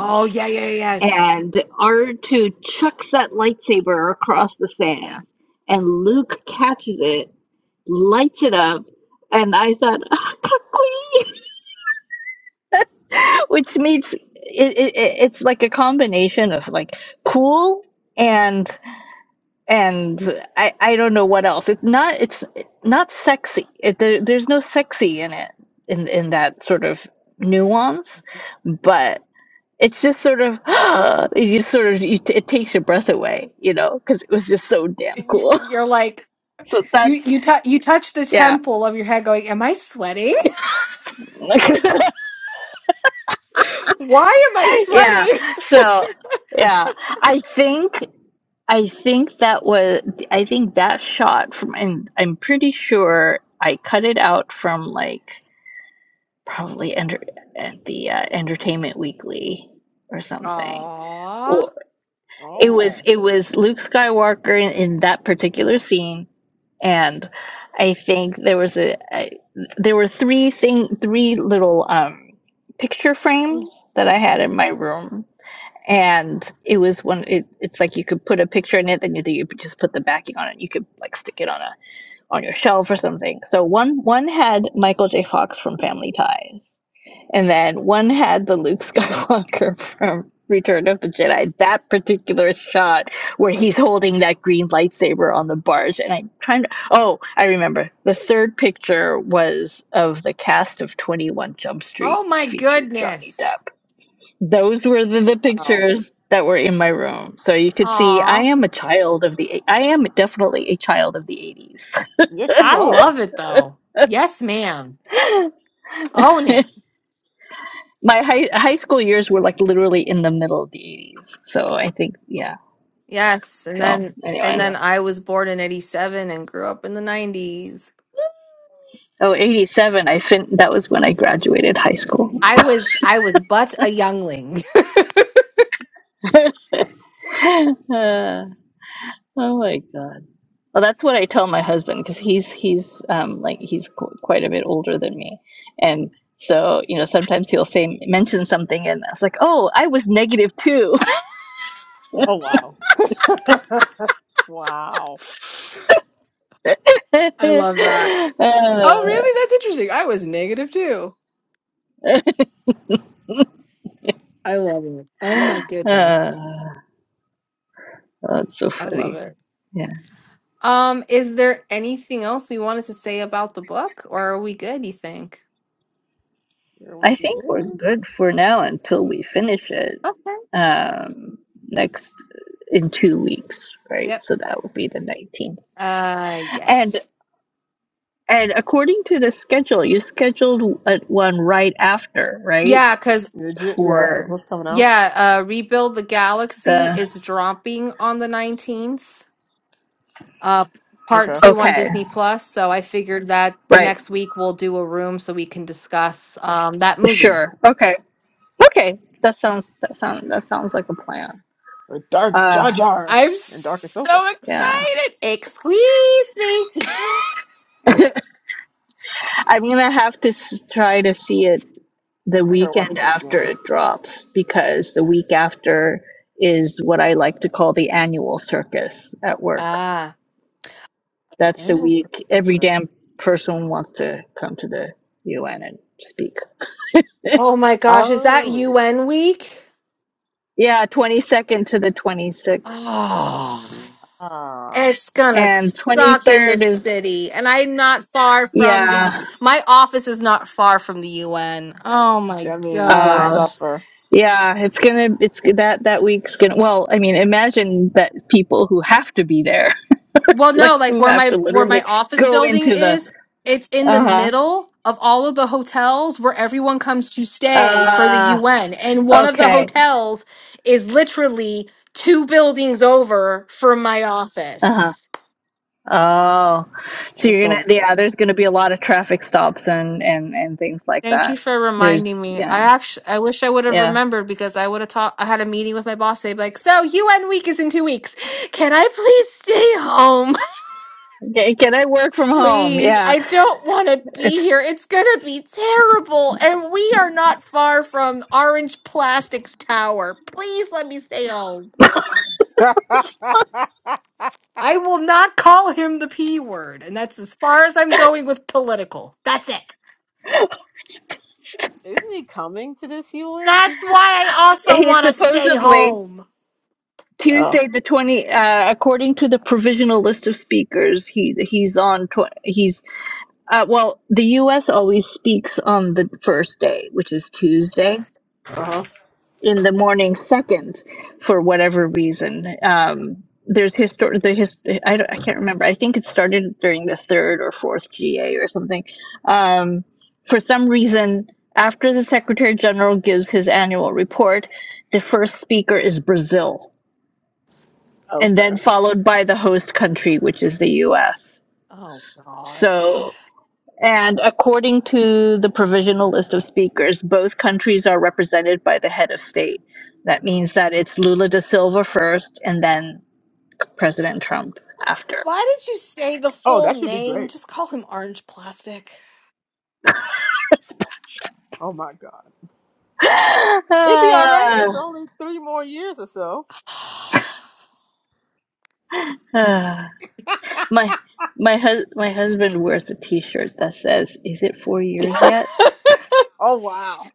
B: Oh, yeah, yeah, yes.
C: and R2 chucks that lightsaber across the
B: Yeah.
C: sands, and Luke catches it, lights it up, and I thought, ah, kakui," which means it, it, it- it's like a combination of like cool and and I, I don't know what else. It's not it's not sexy. It, there, there's no sexy in it in in that sort of nuance, but it's just sort of you sort of you t- it takes your breath away you know because it was just so damn
B: Y-
C: cool
B: You're like
C: so
B: you
C: that's
B: you tou you touch the
C: yeah
B: temple of your head going, "Am I sweating?" Why am I
C: yeah
B: sweating?
C: so yeah i think i think that was i think that shot from and i'm pretty sure i cut it out from like probably enter at the uh, entertainment weekly or something
B: Aw.
C: or it was
A: oh
C: it was luke skywalker in, in that particular scene and I think there was a, I, there were three thing three little um picture frames that I had in my room and it was one it, it's like you could put a picture in it then you, you just put the backing on it you could like stick it on a on your shelf or something. So one one had Michael J. Fox from Family Ties, and then one had the Luke Skywalker from Return of the Jedi. That particular shot where he's holding that green lightsaber on the barge, and I'm trying to. Oh, I remember. The third picture was of the cast of Twenty One Jump Street,
B: Oh my
C: which featured Johnny
B: goodness.
C: Depp. Those were the, the
A: wow.
C: pictures that were in my room, so you could see I
B: Aw.
C: am a child of the. I am definitely a child of the '80s.
A: Yes, you
B: I
A: are.
B: love it though. Yes, ma'am. Own it.
C: My high high school years were like literally in the middle of the 80s. So I think yeah.
B: Yes, and
C: So
B: then and
C: anyway.
B: then
A: Yeah.
B: I was born in 87 and grew up in the 90s.
C: Oh, 87, I fin that was when I graduated high school.
B: I was I was but a youngling.
C: Uh, oh my God. Well, that's what I tell my husband because he's he's um like he's qu quite a bit older than me, and so you know sometimes he'll say mention something and I was like, oh, I was negative too.
A: Oh wow. wow.
B: I love that. Oh, really? That's interesting. I was negative too. I love it. Oh my
C: Uh,
B: goodness.
C: uh, Oh, it's so
B: I love
C: funny.
B: it.
C: Yeah.
B: Um, is there anything else we wanted to say about the book or are we good, you think?
A: Here we
C: I think we're
A: go.
C: good for now until we finish it
B: Okay.
C: um, next in two weeks, right?
B: Yep.
C: So that would be the 19th.
B: Uh
C: And
B: yes.
C: and according to the schedule, you scheduled a- one right after, right?
B: Yeah, cuz
A: Did you? Yeah. Cause
C: For
A: what's coming out?
B: yeah, uh Rebuild the Galaxy
C: the
B: is dropping on the 19th. Uh part
A: Okay.
B: 2 on
C: okay,
B: Disney Plus, so I figured that the
C: right?
B: next week we'll do a room so we can discuss um that movie.
C: Sure. Okay. Okay. That sounds that sound that sounds like a plan.
A: With Dark Jar
C: Uh,
A: Jar
B: I'm
A: and Dark Ahsoka.
B: so
C: yeah.
B: excited. Excuse me.
C: I'm gonna have to s- try to see it the
A: I gotta watch
C: weekend
A: that
C: after
A: again.
C: it drops because the week after is what I like to call the annual circus at work.
B: ah.
A: The
C: That's the
A: annual.
C: week every
A: Ahsoka.
C: damn person wants to come to the UN and speak.
B: Oh my gosh, is that
A: Oh.
B: UN week?
C: Yeah, 22nd to the 26th.
B: Oh.
A: Ah.
B: It's gonna
C: And
B: suck in the
C: 23rd is
B: city. And I'm not far from the
C: yeah,
B: my office is not far from the UN. Oh my
A: That mean, you gonna
C: uh
B: gosh.
A: suffer.
C: yeah, it's going to it's that that week's going to well, I mean, imagine that people who have to be there
B: Well,
C: like
B: no, like
C: you
B: where
C: have to
B: my where
C: literally
B: my office
C: go
B: building
C: into the
B: is, it's in the
C: uh-huh
B: middle of all of the hotels where everyone comes to stay for the
C: uh
B: UN. And one of the
C: okay
B: hotels is literally two buildings over from my
C: uh-huh
B: office.
C: oh so
A: That's
C: you're gonna
A: gonna be fun.
C: yeah there's gonna be a lot of traffic stops and and and things like
B: Thank
C: that
B: you for
C: there's
B: reminding me. I
C: yeah
B: actually, I wish I would have
C: yeah
B: remembered because I would have talked. I had a meeting with my boss. They'd be like, "So UN week is in two weeks. Can I please stay home?
C: can, can i work from home
B: Please,
C: yeah
B: I don't want to be
C: it's
B: here. It's gonna be terrible, and we are not far from Orange Plastics Tower. Please let me stay home." I will not call him the P word, and that's as far as I'm going with political. That's it.
A: Isn't he coming to this UN? He-
B: That's why I also
C: he's
B: want to stay
C: supposedly
B: home.
A: Oh,
C: tuesday the 20 uh according to the provisional list of speakers he he's on tw- he's uh well the us always speaks on the first day which is
B: Ugh.
C: tuesday
A: uh-huh.
C: in the morning second for whatever reason. Um, there's histor the his I, don't, I can't remember. I think it started during the third or fourth GA or something. Um, for some reason, after the Secretary General gives his annual report, the first speaker is Brazil, and then
A: okay.
C: followed by the host country, which is the U.S.
B: Oh gosh.
C: So and according to the provisional list of speakers, both countries are represented by the head of state. That means that it's Lula da Silva first and then President Trump after.
B: Why did you say the
A: Oh,
B: full
A: that should be
B: name?
A: great.
B: Just call him Orange Plastic.
A: Oh my God, it'd be all right. It's
C: Ah,
A: only three more years or so.
C: ah. my my hus- my husband wears a t-shirt that says, "Is it 4 years yet?"
A: Oh wow.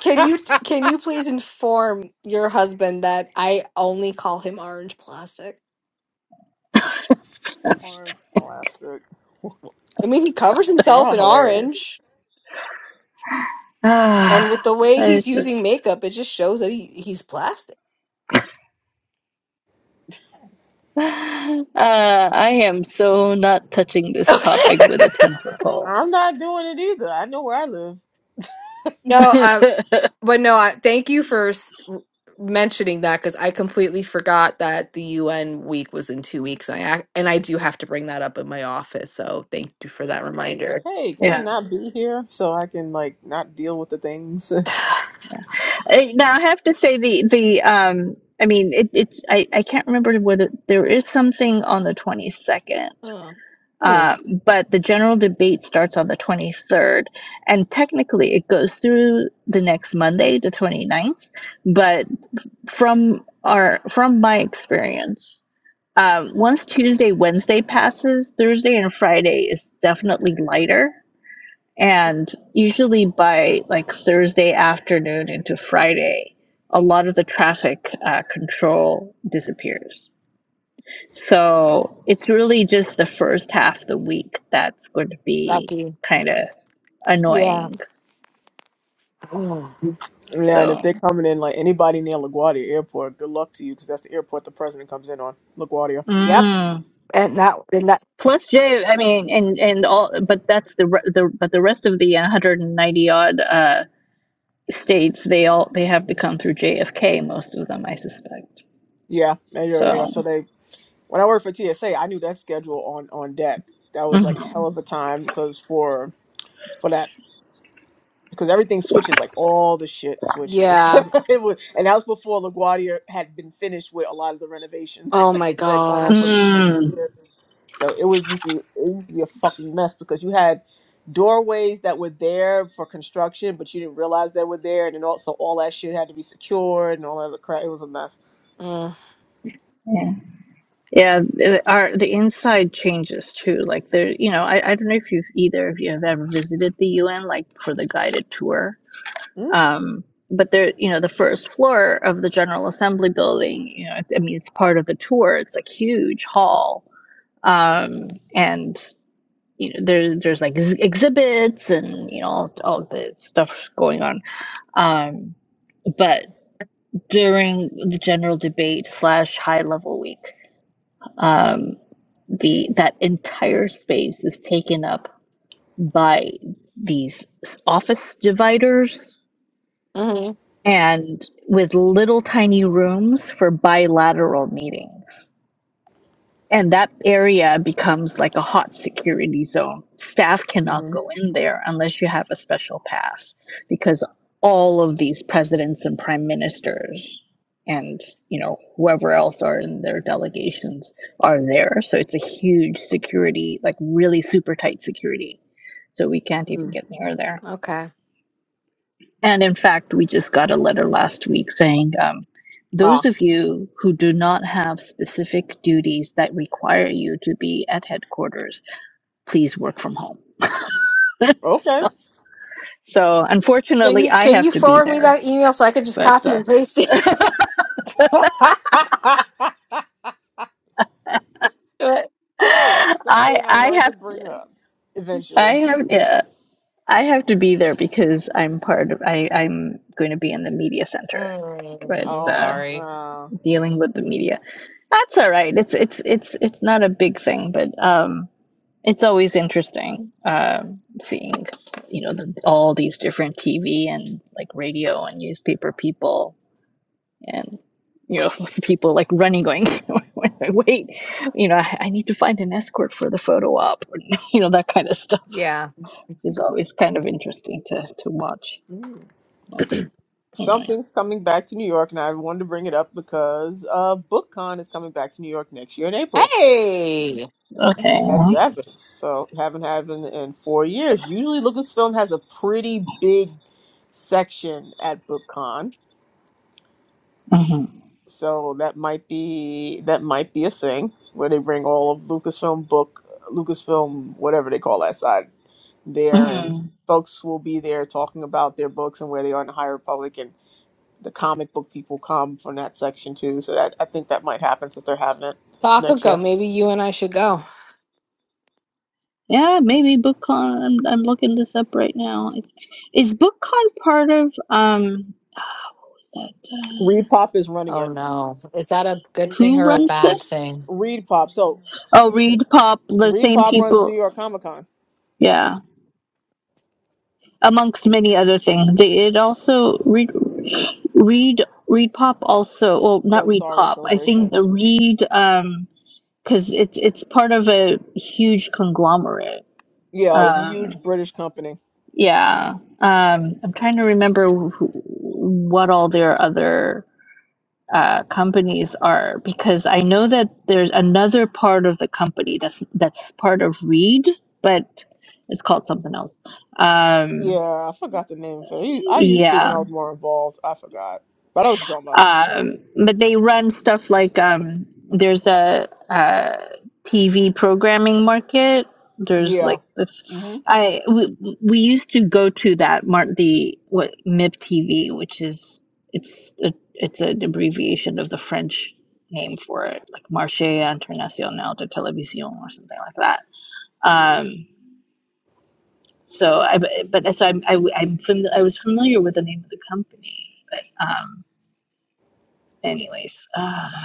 B: can you can you please inform your husband that I only call him Orange Plastic?
A: Orange plastic.
B: I mean, he covers himself
A: Y'all
B: in
A: hilarious.
B: orange, and with
C: Ah,
B: the way he's
C: it's
B: using
C: just
B: makeup, it just shows that he, he's plastic.
C: uh, I am so not touching this
B: Okay.
C: topic with a ten foot pole.
A: I'm not doing it either. I know where I live.
B: No,
C: yeah,
B: I But no, I, thank you for s- mentioning that because I completely forgot that the UN week was in two weeks. And I ac- and I do have to bring that up in my office. So thank you for that
A: I'm like,
B: reminder.
A: hey, can I
C: yeah.
A: not be here so I can like not deal with the things?
C: Eh, Now I have to say the the um. I mean, it, it's I I can't remember whether there is something on the twenty second.
B: Oh,
C: Uh, but the general debate starts on the 23rd, and technically it goes through the next Monday, the twenty ninth. But from our from my experience, Um, once Tuesday, Wednesday passes, Thursday and Friday is definitely lighter. And usually by like Thursday afternoon into Friday, a lot of the traffic uh, control disappears. So it's really just the first half of the week that's going to be
B: thank you.
C: kind of
B: Yeah.
C: annoying.
B: Mm.
A: Yeah, and if
C: So
A: they're coming in like anybody near LaGuardia Airport, good luck to you because that's the airport the president comes in on LaGuardia.
B: Yep.
C: Mm.
B: And that, and that.
C: plus J, I mean, and and all, but that's the re- the but the rest of the 190 odd. uh, states they all they have become through JFK most of them I suspect
A: Yeah, and you're, yeah.
C: so
A: So they, when I worked for TSA, I knew that schedule on on deck. That was like
C: mhm.
A: hell of a time because for for that because everything switches, like all the shit switches.
B: Yeah.
A: it was, and that was before LaGuardia had been finished with a lot of the renovations
B: Oh
A: that
B: my
A: had gone on for
B: gosh.
A: 50
C: mm,
A: years. So it was used to it used to be a fucking mess because you had doorways that were there for construction, but you didn't realize they were there, and then also all that shit had to be secured and all that other crap. It was a mess.
B: Mm.
C: yeah yeah the- our the inside changes too like there you know I, I don't know if you've either of you have ever visited the UN like for the guided tour um but there you know the first floor of the General Assembly building you know I mean it's part of the tour it's a huge hall um and you know there there's like ex- exhibits and you know all, all the stuff going on um, but during the general debate slash high level week, um, the that entire space is taken up by these office dividers
B: hmm
C: and with little tiny rooms for bilateral meetings. And that area becomes like a hot security zone. Staff cannot
A: Mm-hmm.
C: go in there unless you have a special pass because all of these presidents and prime ministers and you know whoever else are in their delegations are there so it's a huge security like really super tight security so we can't even
A: Mm.
C: get near there
B: Okay.
C: and in fact, we just got a letter last week saying um, those
A: Ah,
C: of you who do not have specific duties that require you to be at headquarters, please work from home.
A: okay.
C: so, so
B: Can
C: unfortunately,
B: you
C: I
B: can
C: have
B: you
C: to be
B: forward me
C: there,
B: that email so I could just
C: but
B: copy
C: uh,
B: and paste it?
A: oh,
C: I
A: something I
C: I
A: wanted to
C: have
A: bring up
C: I
A: eventually.
C: have yeah, I have to be there because I'm part of I I'm going to be in the media center, right?
B: mm,
A: Oh,
C: uh,
B: sorry.
A: wow.
C: dealing with the media. That's all right. It's it's it's it's not a big thing, but. Um, It's always interesting um, seeing, you know, the, all these different TV and like radio and newspaper people and you know people like running, going, "Wait, you know, I, I need to find an escort for the photo op," or, you know, that kind of stuff.
B: Yeah.
C: It's always kind of interesting to to watch.
A: Mm.
C: But anyway,
A: Something's coming back to New York, and I wanted to bring it up because uh, BookCon is coming back to New York next year in April
B: Hey.
C: okay,
A: at Javits. So, haven't had it in, in four years. Usually, Lucasfilm has a pretty big section at BookCon,
C: hmm
A: so that might be that might be a thing where they bring all of Lucasfilm book, Lucasfilm whatever they call that side there, and
C: hmm
A: folks will be there talking about their books and where they are in the higher public and the comic book people come from that section too. So that I think that might happen since they're having it next year.
B: Takako, maybe you and I should go.
C: yeah, maybe BookCon. I'm I'm looking this up right now. Is BookCon part of um? ah, What was that? uh,
A: Reed Pop is running
B: Oh
A: it.
B: no. Is that a good thing
C: who
B: or a
C: runs
B: bad
C: this?
B: thing?
A: Reed Pop. So
C: Oh, Reed Pop, the
A: Reed
C: same
A: Pop runs New
C: people.
A: York Comic Con.
C: Yeah, amongst many other things. They it also Reed Reed Reed Pop also. Well, not
A: Does
C: Reed
A: Star Wars
C: Pop. I think
A: Celebration.
C: the Reed um because it's it's part of a huge conglomerate.
A: Yeah, a
C: Um,
A: huge British company.
C: yeah. Um, I'm trying to remember wh- what all their other uh, companies are because I know that there's another part of the company that's that's part of Reed, but it's called something else.
A: Yeah,
C: Um,
A: I forgot the name of it. You- I used to
C: yeah,
A: when I was more involved. I forgot. But I know what you're talking about.
C: um, but they run stuff like um, there's a, uh TV programming market. There's
A: Yeah.
C: like the
A: hmm
C: I we, we used to go to that mark the what MIP TV, which is it's a, it's an abbreviation of the French name for it, like Marché International de Télévision or something like that. Um, so I but so I'm I, am i am fam- I was familiar with the name of the company, but um, anyways. uh,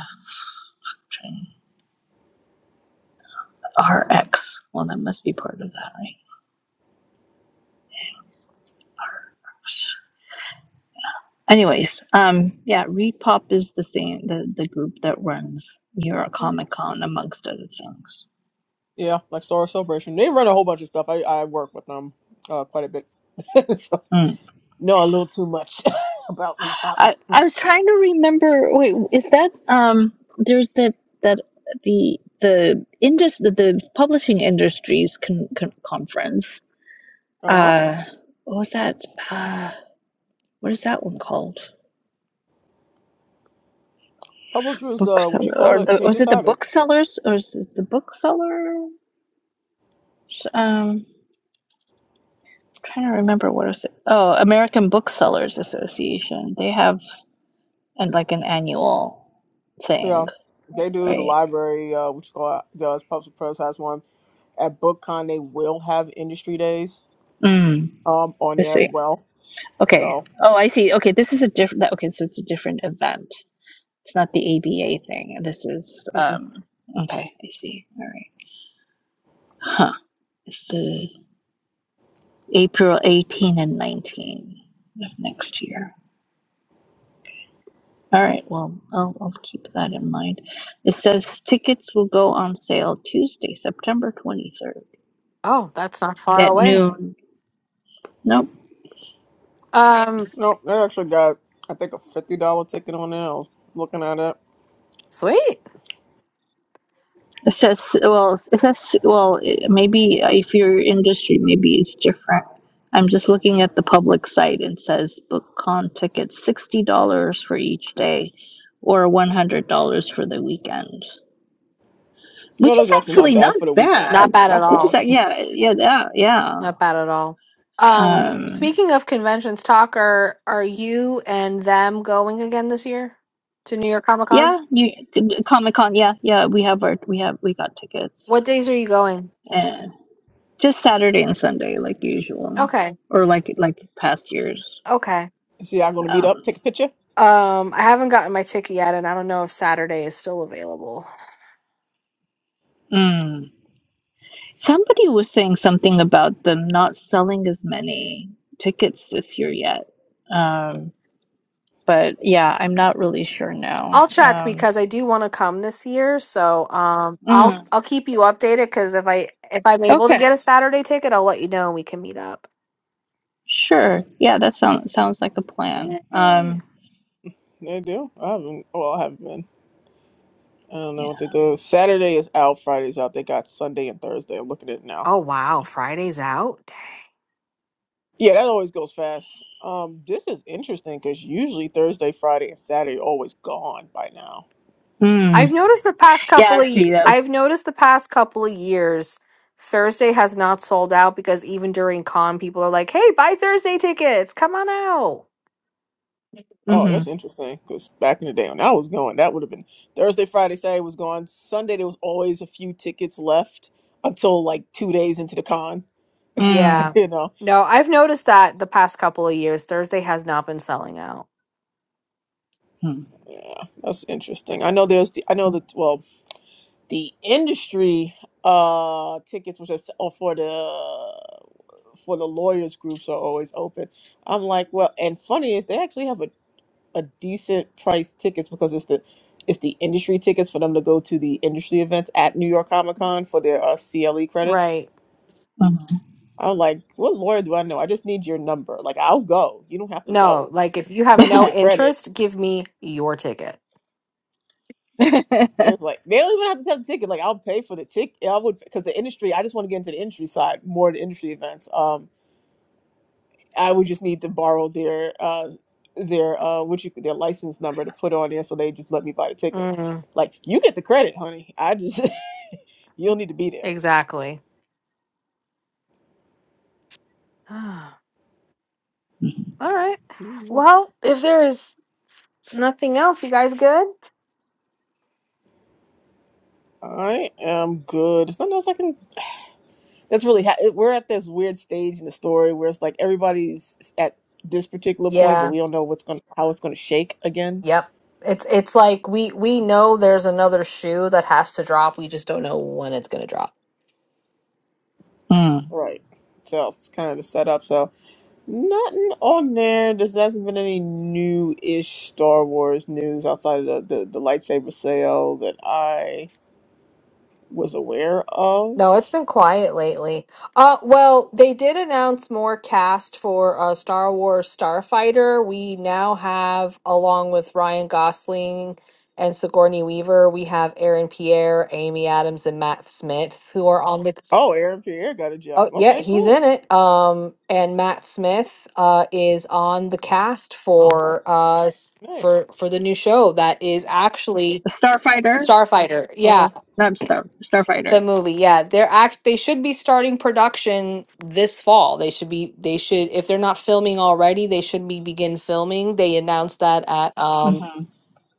C: chain. RX. Well, that must be part of that, right? Anyways, um, yeah, Repop is the same, the, the group that runs New York Comic Con, amongst other things.
A: Yeah, like Star Wars Celebration. They run a whole bunch of stuff. I, I work with them uh, quite a bit. so,
C: Mm.
A: know a little too much about Reed Pop.
C: I, I was trying to remember. Wait, is that um? There's that that the the industry the, the publishing industries con, con, conference.
A: Uh huh.
C: Uh, what was that? Uh, what is that one called?
A: Publishers, uh, what
C: bookseller
A: you
C: or
A: call it?
C: the
A: They
C: was
A: just
C: it the
A: have it.
C: booksellers or is it the bookseller? Um, trying to remember what is it? Oh, American Booksellers Association. They have and like an annual thing,
A: Yeah, they do. The
C: right?
A: library, uh, which call it? does Public Press has one at BookCon. They will have industry days
C: Mm,
A: um on
C: I
A: there as
C: see.
A: well.
C: Okay.
A: So
C: Oh, I see. Okay, this is a different. Okay, so it's a different event. It's not the ABA thing. This is
A: mm-mm.
C: um. Okay, I see. All right. Huh. It's the April 18 and 19 of next year. All right, well, I'll, I'll keep that in mind. It says tickets will go on sale Tuesday, September 23rd
B: Oh, that's not far
C: at
B: away.
C: noon. Nope.
B: Um,
A: no, they actually got I think a fifty dollar ticket on there. I was looking at it.
B: sweet.
C: It says, well, it says, well, it- maybe if your industry, maybe it's different. I'm just looking at the public site and says BookCon tickets $60 for each day or $100 for the weekend,
A: You know,
C: which is
A: that's actually not
C: actually not
A: bad for the weekend.
B: Not
C: bad.
A: It's
B: bad at
A: not
C: Which is,
B: all.
A: bad.
C: yeah, yeah, yeah. yeah.
B: Not bad at all. Um,
C: Um,
B: speaking of conventions, talk are are you and them going again this year to New York Comic Con?
C: Yeah, you Comic Con. Yeah, yeah, we have our we have we got tickets
B: What days are you going?
C: and just Saturday and Sunday like usual,
B: Okay.
C: or like like past years.
B: Okay.
A: See, I'm gonna meet up,
C: Um,
A: take a picture.
B: Um, I haven't gotten my ticket yet and I don't know if Saturday is still available.
C: mm. Somebody was saying something about them not selling as many tickets this year yet. Um, but yeah, I'm not really sure now.
B: I'll check
C: Um,
B: because I do want to come this year. So um, I'll
C: mm,
B: I'll keep you updated because if I if I'm able to
C: okay,
B: get a Saturday ticket, I'll let you know and we can meet up.
C: sure. Yeah, that sounds sounds like a plan.
B: Yay!
C: Um,
A: They do. I haven't. Well, I haven't been. I don't know
C: yeah.
A: what they do. Saturday is out. Friday's out. They got Sunday and Thursday. I'm looking at it now.
B: Oh wow, Friday's out. Dang.
A: Yeah, that always goes fast. Um, this is interesting because usually Thursday, Friday, and Saturday are always gone by now.
B: I've
C: Mm.
B: noticed the past
C: Yeah.
B: couple of y-
C: See, that
B: I've
C: was.
B: noticed the past couple of years Thursday has not sold out because even during con people are like, "Hey, buy Thursday tickets. Come on out."
A: Oh,
C: Mm-hmm.
A: that's interesting because back in the day when I was going, that would have been Thursday, Friday, Saturday was gone. Sunday there was always a few tickets left until like two days into the con.
B: Yeah.
C: Mm.
A: you know,
B: No, I've noticed that the past couple of years Thursday has not been selling out.
A: that's interesting. I know there's the I know that well the industry uh tickets which are s- oh, for the for the lawyers groups are always open. I'm like, well, and funny is they actually have a a decent price tickets because it's the it's the industry tickets for them to go to the industry events at New York Comic Con for their uh, CLE credits.
B: Right.
C: Mhm.
A: I'm like, what lawyer do I know? I just need your number. Like, I'll go. You don't have to
B: No,
A: go.
B: like if you have
A: You get
B: no
A: the credit.
B: interest, give me your ticket.
A: It's like they don't even have to have the ticket. Like, I'll pay for the ticket. I would because the industry. I just want to get into the industry side more. The industry events. Um, I would just need to borrow their uh their uh what you their license number to put on there so they just let me buy the ticket.
B: Mm,
A: Like, you get the credit, honey. I just You don't need to be there.
B: exactly. All right. Well, if there is nothing else, you guys good?
A: I am good. There's nothing else I can. That's really. Ha- we're at this weird stage in the story where it's like everybody's at this particular point, but
B: Yeah.
A: we don't know what's going, to how it's going to shake again.
B: Yep. It's it's like we we know there's another shoe that has to drop. We just don't know when it's gonna drop.
C: mm.
A: Right. So it's kind of the setup. So nothing on there. There hasn't been any new-ish Star Wars news outside of the the, the lightsaber sale that I was aware of.
B: No, it's been quiet lately. Uh, well, they did announce more cast for uh, Star Wars Starfighter. We now have, along with Ryan Gosling and Sigourney Weaver, we have Aaron Pierre, Amy Adams, and Matt Smith, who are on the.
A: Oh, Aaron Pierre got a
B: Oh,
A: job.
B: yeah,
A: Okay,
B: he's
A: cool.
B: in it. Um, and Matt Smith uh, is on the cast
A: Oh,
B: for uh s-
A: nice.
B: for for the new show that is actually
C: Starfighter.
B: Starfighter. Yeah,
A: Uh-huh.
C: Not Star Starfighter.
B: the movie, yeah, they're act. They should be starting production this fall. They should be. They should, if they're not filming already, they should be begin filming. They announced that at um
C: hmm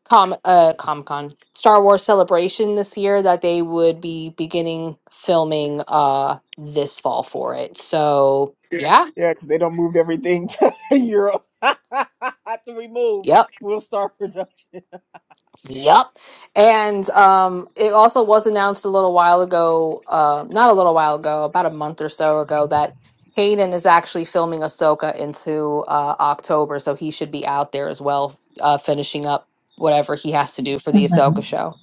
B: Com uh Comic Con Star Wars Celebration this year that they would be beginning filming uh this fall for it. So yeah,
A: Yeah, because they don't move everything to Europe to remove.
B: yep.
A: We'll start production.
B: Yep, And um, it also was announced a little while ago, uh, not a little while ago, about a month or so ago, that Hayden is actually filming Ahsoka into uh, October. So he should be out there as well, uh, finishing up whatever he has to do for the
C: hmm
B: Ahsoka show.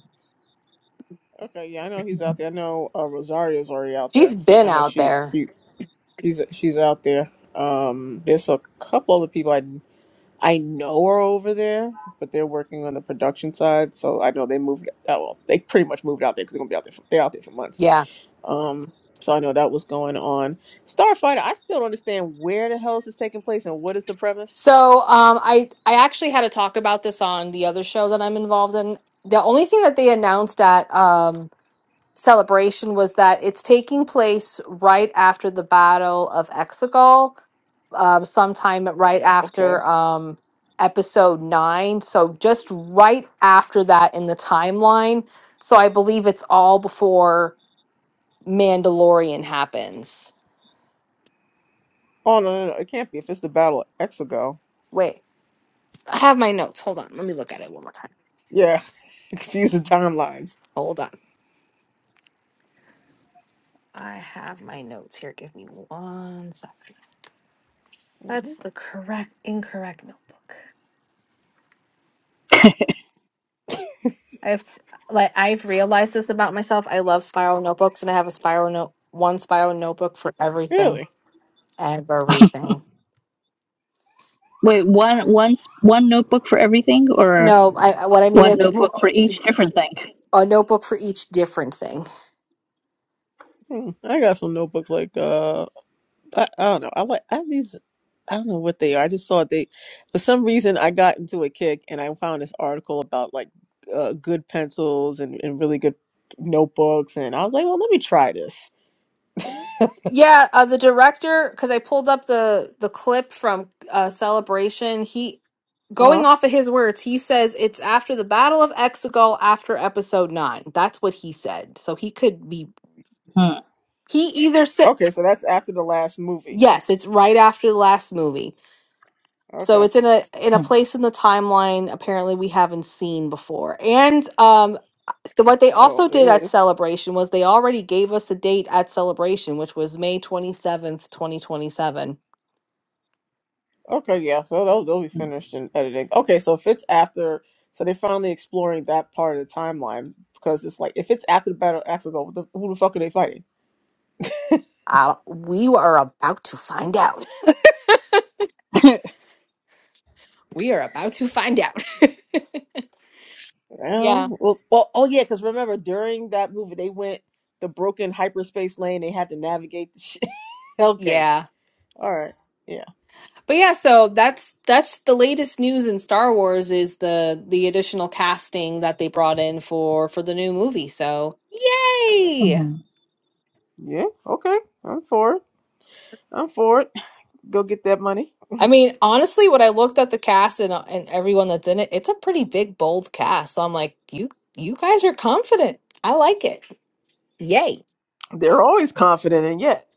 A: Okay, yeah, I know he's out there. I know uh, Rosario's already out there.
B: She's
A: I
B: been
A: know
B: out
A: she
B: there.
A: she she's she's out there. Um, there's a couple other people I I know are over there, but they're working on the production side. So I know they moved. Oh, well, they pretty much moved out there because they're gonna be out there. For, they're out there for months.
B: Yeah.
A: Um, so I know that was going on. Starfighter. I still don't understand where the hell this is taking place and what is the premise.
B: So um, I, I actually had to talk about this on the other show that I'm involved in. The only thing that they announced at. Um, celebration was that it's taking place right after the Battle of Exegol, um, sometime right
A: Okay.
B: after um, episode nine. So just right after that in the timeline. So I believe it's all before Mandalorian happens.
A: Oh no, no, no, it can't be. If it's the Battle of Exego,
B: Wait, I have my notes. Hold on. Let me look at it one more time.
A: yeah, confusing timelines.
B: Hold on. I have my notes here. Give me one second.
A: Mhm.
B: That's the correct, incorrect notebook. I've s- like I've realized this about myself. I love spiral notebooks, and I have a spiral note, one spiral notebook for everything,
A: Really?
B: everything.
C: Wait, one one s- one notebook for everything, or
B: No, I I- what I mean
C: one
B: is w-
C: notebook for each different thing?
B: a notebook for each different thing.
A: Hmm. I got some notebooks like uh, I, I don't know. I like I have these. I don't know what they are. I just saw they, for some reason, I got into a kick and I found this article about like uh, good pencils and, and really good notebooks, and I was like, well, let me try this.
B: Yeah, uh, the director, because I pulled up the the clip from uh, Celebration. He
A: Uh
B: going
A: huh.
B: off of his words, he says it's after the Battle of Exegol after episode nine. That's what he said. So he could be
C: Hmm.
B: he either said
A: Okay, so that's after the last movie.
B: yes, it's right after the last movie. So
A: Okay.
B: it's in a in a place in the timeline apparently we haven't seen before. And um the, what they
A: Oh,
B: also did
A: it
B: at
A: is.
B: Celebration was they already gave us a date at Celebration, which was May 27th, 2027.
A: Okay, yeah. So they'll they'll be finished in editing. Okay, so if it's after, so they're finally exploring that part of the timeline because it's like if it's after the Battle of Axel, the, who the fuck are they fighting?
B: Uh, we are about to find out. We are about to find out.
A: Well,
B: yeah.
A: well, well oh yeah, because remember during that movie they went the broken hyperspace lane. They had to navigate the shit. okay,
B: Yeah.
A: all right, yeah,
B: But yeah, so that's that's the latest news in Star Wars is the the additional casting that they brought in for for the new movie. So, yay!
C: hmm
A: yeah. Okay, I'm for it. I'm for it. Go get that money.
B: I mean, honestly, when I looked at the cast and and everyone that's in it, it's a pretty big bold cast. So I'm like, you you guys are confident. I like it. Yay.
A: They're always confident, and yet,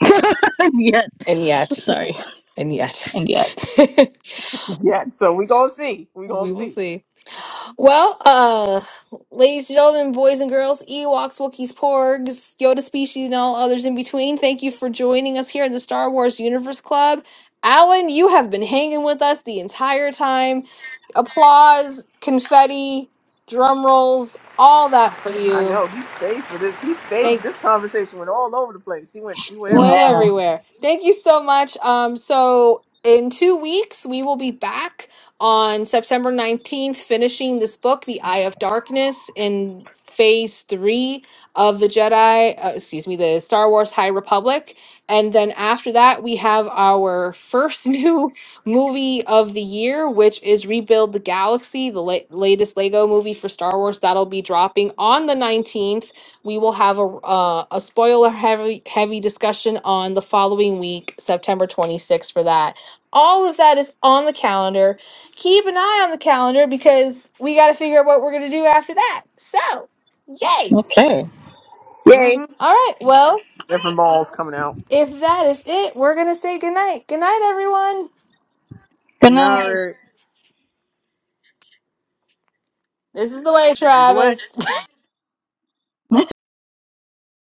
C: and yet,
B: And yet,
C: sorry,
B: and yet.
C: and yet,
A: yeah. So we gonna see. We gonna
B: we will
A: see.
B: see. Well, uh, ladies and gentlemen, boys and girls, Ewoks, Wookiees, Porgs, Yoda species, and all others in between, thank you for joining us here in the Star Wars Universe Club. Alan, you have been hanging with us the entire time. Applause, confetti, drum rolls, all that for
A: I
B: you.
A: know he stayed for this. He stayed
B: Thank.
A: for this conversation. Went all over the place. He went. We went
B: It went
A: everywhere.
C: no.
B: everywhere. Thank you so much. Um, so in two weeks, we will be back on September 19th, finishing this book, The Eye of Darkness, in phase three of the Jedi, uh, excuse me, the Star Wars High Republic. And then after that, we have our first new movie of the year, which is Rebuild the Galaxy, the la- latest Lego movie for Star Wars. That'll be dropping on the 19th we will have a uh, a spoiler heavy heavy discussion on the following week, September 26th for that. All of that is on the calendar. Keep an eye on the calendar because we got to figure out what we're going to do after that. So, yay.
C: Okay. Yay.
A: hmm
B: All right. Well,
A: Different balls coming out.
B: if that is it, we're going to say goodnight. Good night, everyone.
C: Good
A: Getting all
C: night.
A: right.
B: This is the way,
A: This is the way.
B: Travis.